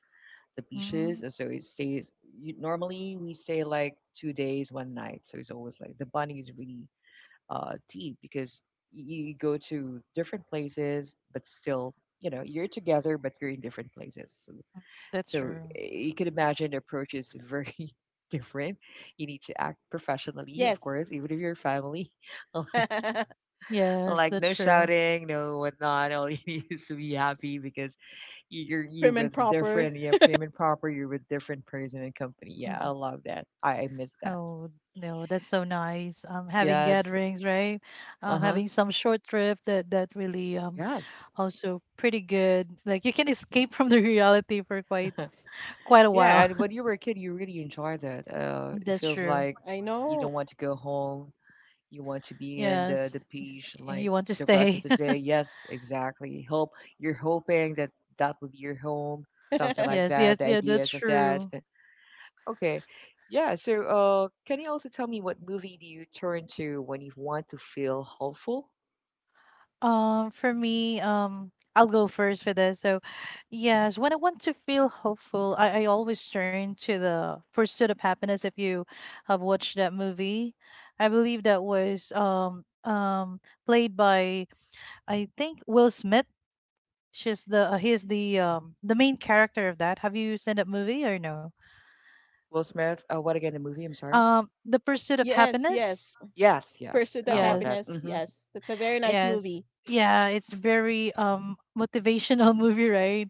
S1: the
S2: Mm.
S1: beaches, and so it stays. You, normally we stay like 2 days, one night. So it's always like the bunny is really deep because you go to different places, but still, you know, you're together, but you're in different places. So
S2: That's
S1: so
S2: true.
S1: eh, you can imagine the approach is very different. You need to act professionally, of
S3: Yes.
S1: course, even if you're family. Like,
S2: Yes,
S1: like
S2: that's
S1: no
S2: true.
S1: shouting, no whatnot. All you need is to be happy because you're
S3: Prim and
S1: with a
S3: proper.
S1: different, yeah, prim and proper. You're with different person and company. Yeah,
S2: Mhm.
S1: I love that. I miss that.
S2: Oh, no, that's so nice. Having
S1: Yes.
S2: gatherings, right?
S1: Uh huh.
S2: Having some short trip that really
S1: Yes.
S2: also pretty good. Like you can escape from the reality for quite, quite a
S1: Yeah,
S2: while.
S1: and when you were a kid, you really enjoyed that. It
S2: That's
S1: feels
S2: true.
S1: like
S3: I
S1: you
S3: know.
S1: don't want to go home. You want to be in the
S2: Yes.
S1: the beach like
S2: You want to
S1: the rest of
S2: stay.
S1: the day. Yes, exactly. Hope you're hoping that that will be your home, something like
S2: Yes,
S1: that.
S2: yes,
S1: The
S2: yeah, that's
S1: ideas of that.
S2: true.
S1: Okay, yeah. So, can you also tell me what movie do you turn to when you want to feel hopeful?
S2: For me, I'll go first for this. So, yes,
S1: Sure.
S2: when I want to feel hopeful, I always turn to the Pursuit of Happiness. If you have watched that movie, I believe that was played by, I think, Will Smith. She's the He's the the main character of that. Have you seen that movie or no?
S1: Will Smith. What again? The movie. I'm sorry.
S2: The Pursuit of
S3: Yes, yes.
S2: Happiness.
S1: Yes,
S3: Pursuit
S1: yes.
S3: of
S1: I love
S2: Yes.
S3: Happiness.
S1: that. Mm-hmm.
S3: Yes. That's a very nice
S2: Yes.
S3: movie.
S2: Yeah, it's very motivational movie, right?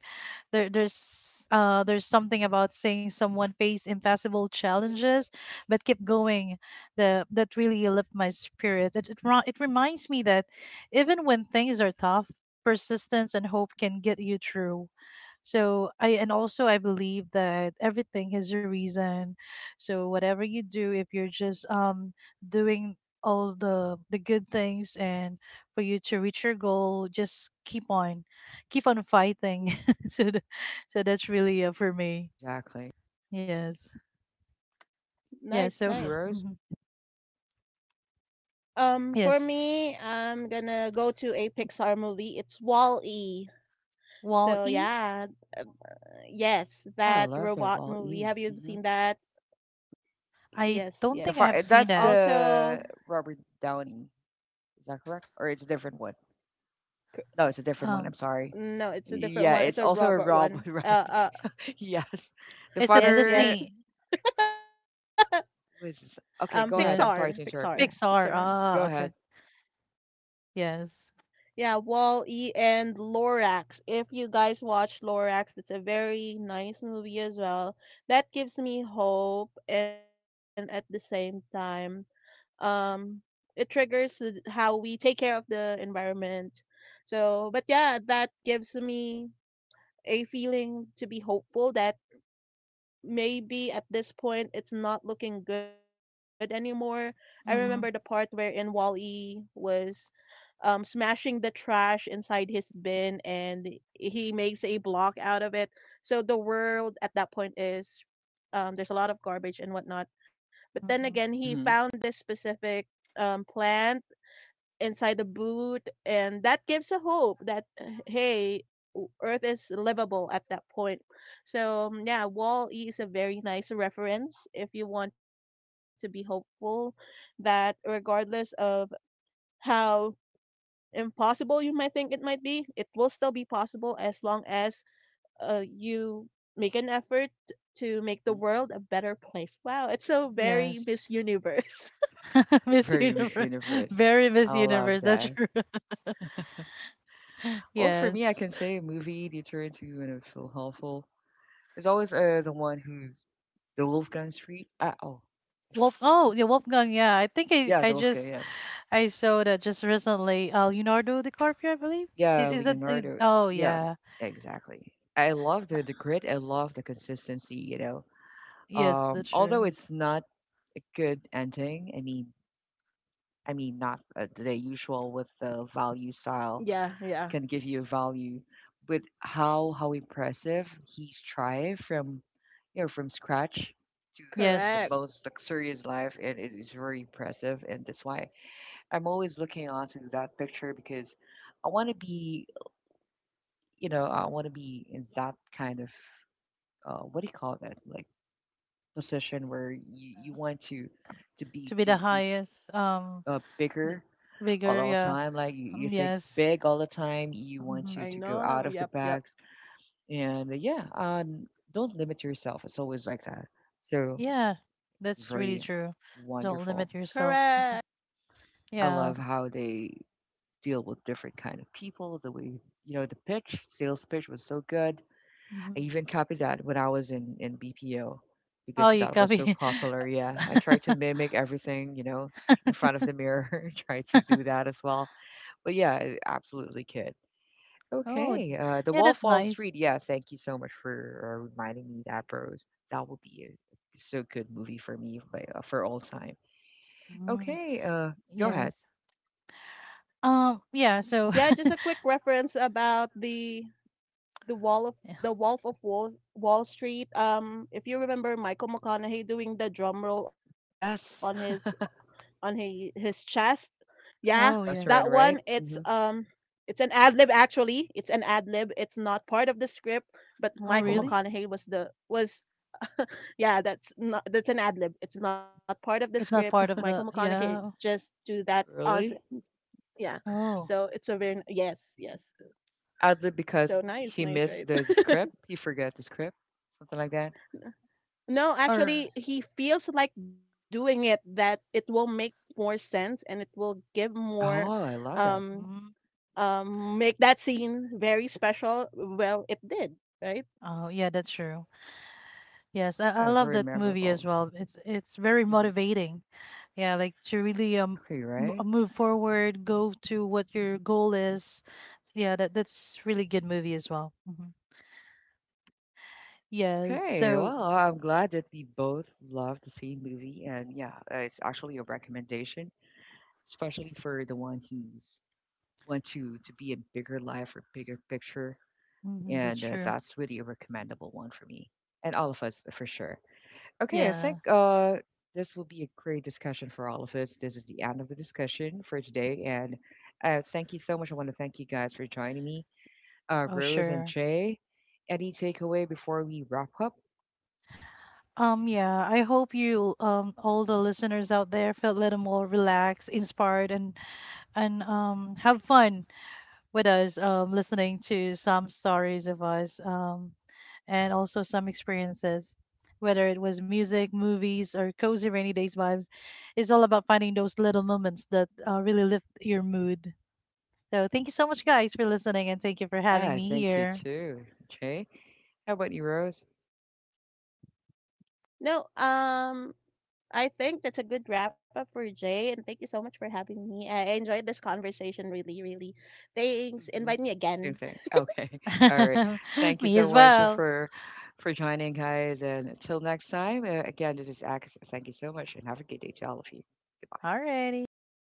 S2: There's something about seeing someone face impossible challenges, but keep going. The that really lifts my spirit. It reminds me that even when things are tough, persistence and hope can get you through. So I And also I believe that everything has a reason. So whatever you do, if you're just doing all the good things, and for you to reach your goal, just keep on, keep on fighting. So so that's really, for me.
S1: Exactly.
S2: Yes.
S3: Nice,
S2: Yeah,
S3: nice.
S2: so.
S1: What you?
S2: Mhm.
S3: For
S2: Yes.
S3: me, I'm gonna go to a Pixar movie. It's Wall-E.
S2: wall
S3: So
S2: e
S3: yeah, um, yes,
S1: Yeah, I love
S3: that
S1: it. Wall
S3: robot
S1: E.
S3: movie. Have
S1: Mm-hmm.
S3: you seen that?
S2: I
S3: Yes,
S2: don't
S3: yes.
S1: The
S2: think I have
S1: far,
S2: seen
S1: that's
S2: that.
S3: Also,
S1: the Robert Downey. Is that correct? Or it's a different one? No, it's a different one.
S2: um
S1: I'm sorry.
S3: no, it's a
S1: Yeah,
S3: different one.
S1: it's
S3: It's a
S1: also a
S3: robot
S1: Rob,
S3: one. Uh,
S1: right?
S3: uh,
S1: yes. The
S2: it's a
S3: yes,
S1: father.
S2: Disney.
S3: yes.
S1: What is this? Okay, go ahead.
S2: Yes,
S1: I'm
S3: Pixar,
S1: sorry to
S3: Pixar,
S1: interrupt you.
S3: Pixar.
S2: Pixar.
S1: Go
S2: Ah, okay.
S1: ahead.
S2: Yes.
S3: Yeah, Wall-E and Lorax. If you guys watch Lorax, that's a very nice movie as well. That gives me hope, and at the same time, um, it triggers how we take care of the environment. So, but yeah, that gives me a feeling to be hopeful that maybe at this point it's not looking good anymore. I remember the part where
S2: Mm-hmm.
S3: in Wall-E was smashing the trash inside his bin and he makes a block out of it. So the world at that point is there's a lot of garbage and whatnot. But then
S2: Mm-hmm.
S3: again, he
S1: Mm-hmm.
S3: found this specific plant inside the boot, and that gives a hope that hey, Earth is livable at that point. So yeah, Wall E is a very nice reference if you want to be hopeful that regardless of how impossible you might think it might be, it will still be possible as long as, you make an effort to make the
S1: Mm-hmm.
S3: world a better place. Wow, it's so very
S2: Yes.
S3: Miss Universe.
S2: Miss
S1: Very Miss
S2: Universe.
S1: Universe.
S2: Very Miss
S1: I love
S2: Universe, that's
S1: that.
S2: true.
S1: Well, for
S2: Yes.
S1: me, I can say a movie they turn into and I feel helpful. It's always the one who's the Wolfgang Street. Oh, if-
S2: Wolf, oh yeah, Wolfgang. Yeah, I think i
S1: yeah,
S2: i
S1: the Wolfgang.
S2: just.
S1: Yeah,
S2: I saw that just recently. Leonardo DiCaprio, I believe. Is,
S1: yeah,
S2: is that?
S1: Leonardo.
S2: Oh
S1: Yeah,
S2: yeah.
S1: exactly. I love the grit. I love the consistency. You know,
S2: Yes, that's
S1: Although
S2: true.
S1: it's not a good ending, I mean, not the usual with the value style
S3: Yeah,
S1: can
S3: yeah,
S1: give you value, but how impressive he strived from, you know, from scratch to the
S2: Yes,
S3: correct.
S1: most luxurious life, and it is very impressive, and that's why I'm always looking onto that picture because I want to be, you know, I want to be in that kind of what do you call that, like position where you want to
S2: to
S1: be
S2: be the
S1: to be
S2: highest. Th-
S1: bigger
S2: Bigger.
S1: all the
S2: Yeah.
S1: time. Like you
S2: Mm,
S1: think
S2: yes.
S1: big all the time. You want
S2: Hmm.
S1: to
S3: I
S1: go out of the
S3: know. Yep,
S1: box,
S3: yep,
S1: and yeah, don't limit yourself. It's always like that. So
S2: Yeah,
S1: it's
S2: that's really
S1: very
S2: true. Don't
S1: wonderful.
S3: correct.
S2: limit yourself.
S1: I
S2: Yeah.
S1: love how they deal with different kind of people. The way you know the pitch, sales pitch was so good. I
S2: Hmm.
S1: even copied that when I was in BPO
S2: Oh,
S1: because
S2: you
S1: that was so
S2: copy.
S1: popular. Yeah, I tried to mimic everything. You know, in front of the mirror, try to do that as well. But yeah, I absolutely could.
S2: Oh,
S1: Okay, the
S2: yeah, that's
S1: Wallfall
S2: nice.
S1: Street. Yeah, thank you so much for reminding me that, bros. That will be a so good movie for me like, for all time.
S2: Mm,
S1: Okay, go ahead.
S2: yes. Yeah, so,
S3: Yeah, just a quick reference about the wall of the Wolf of Wall Street. If you remember Michael McConaughey doing the drum roll on his,
S1: Yes,
S3: on his chest. Yeah, that
S1: the
S2: oh,
S3: one,
S2: yes.
S1: restaurant,
S3: it's
S1: right? Hmm.
S3: um it's an ad lib actually. It's an ad lib. It's not part of the script, but
S2: Oh,
S3: Michael
S1: Oh,
S2: really?
S3: McConaughey was the, was yeah, that's not, that's an ad lib. It's not part of the
S2: It's not
S3: script.
S2: part of
S3: Michael
S2: the,
S3: McConaughey
S2: yeah.
S3: just do that
S1: really?
S3: yeah.
S2: Oh,
S3: So it's a very, yes, yes.
S1: Adlib because
S3: So
S1: he
S3: nice,
S1: missed
S3: nice,
S1: the
S3: right?
S1: script. He forgot the script, something like that.
S3: No,
S2: or
S3: actually he feels like doing it that it will make more sense and it will give more,
S1: Oh, I love that.
S3: um
S2: mm,
S3: make that scene very special? Well, it did, right?
S2: oh yeah, that's true. Yes, I
S1: Yeah,
S2: love
S1: very
S2: that movie as
S1: memorable.
S2: well. It's very
S1: Hmm.
S2: motivating. Yeah, like to really
S1: Exactly, right?
S2: move forward, go to what your goal is. Yeah, that's really good movie as well. Hmm. Yes,
S1: Okay, well,
S2: so.
S1: I'm glad that we both love the same movie, and yeah, it's actually a recommendation, especially for the one who's want to be in bigger life or bigger picture,
S2: Mhm, that's
S1: and
S2: true.
S1: that's really a recommendable one for me and all of us for sure. Okay, I
S2: Yeah.
S1: think this will be a great discussion for all of us. This is the end of the discussion for today, and thank you so much. I want to thank you guys for joining me,
S2: Oh,
S1: Rose and
S2: sure.
S1: Jay. Any takeaway before we wrap up?
S2: Yeah, I hope you all the listeners out there felt a little more relaxed, inspired, and have fun with us, listening to some stories of us, and also some experiences. Whether it was music, movies, or cozy rainy days vibes, it's all about finding those little moments that really lift your mood. So thank you so much, guys, for listening, and thank you for having
S1: Yeah,
S2: me
S1: thank you
S2: here.
S1: too. Okay. How about you, Rose?
S3: No, I think that's a good wrap up for Jay, and thank you so much for having me. I enjoyed this conversation really, really. Thanks.
S1: Hmm.
S3: Invite me
S1: Same
S3: again.
S1: thing. Okay. All right. Thank you
S2: Me
S1: so
S2: as
S1: much
S2: well.
S1: for joining, guys. And until next time, again, this is Ax. Thank you so much, and have a good day to all of you. Goodbye.
S2: Alrighty, good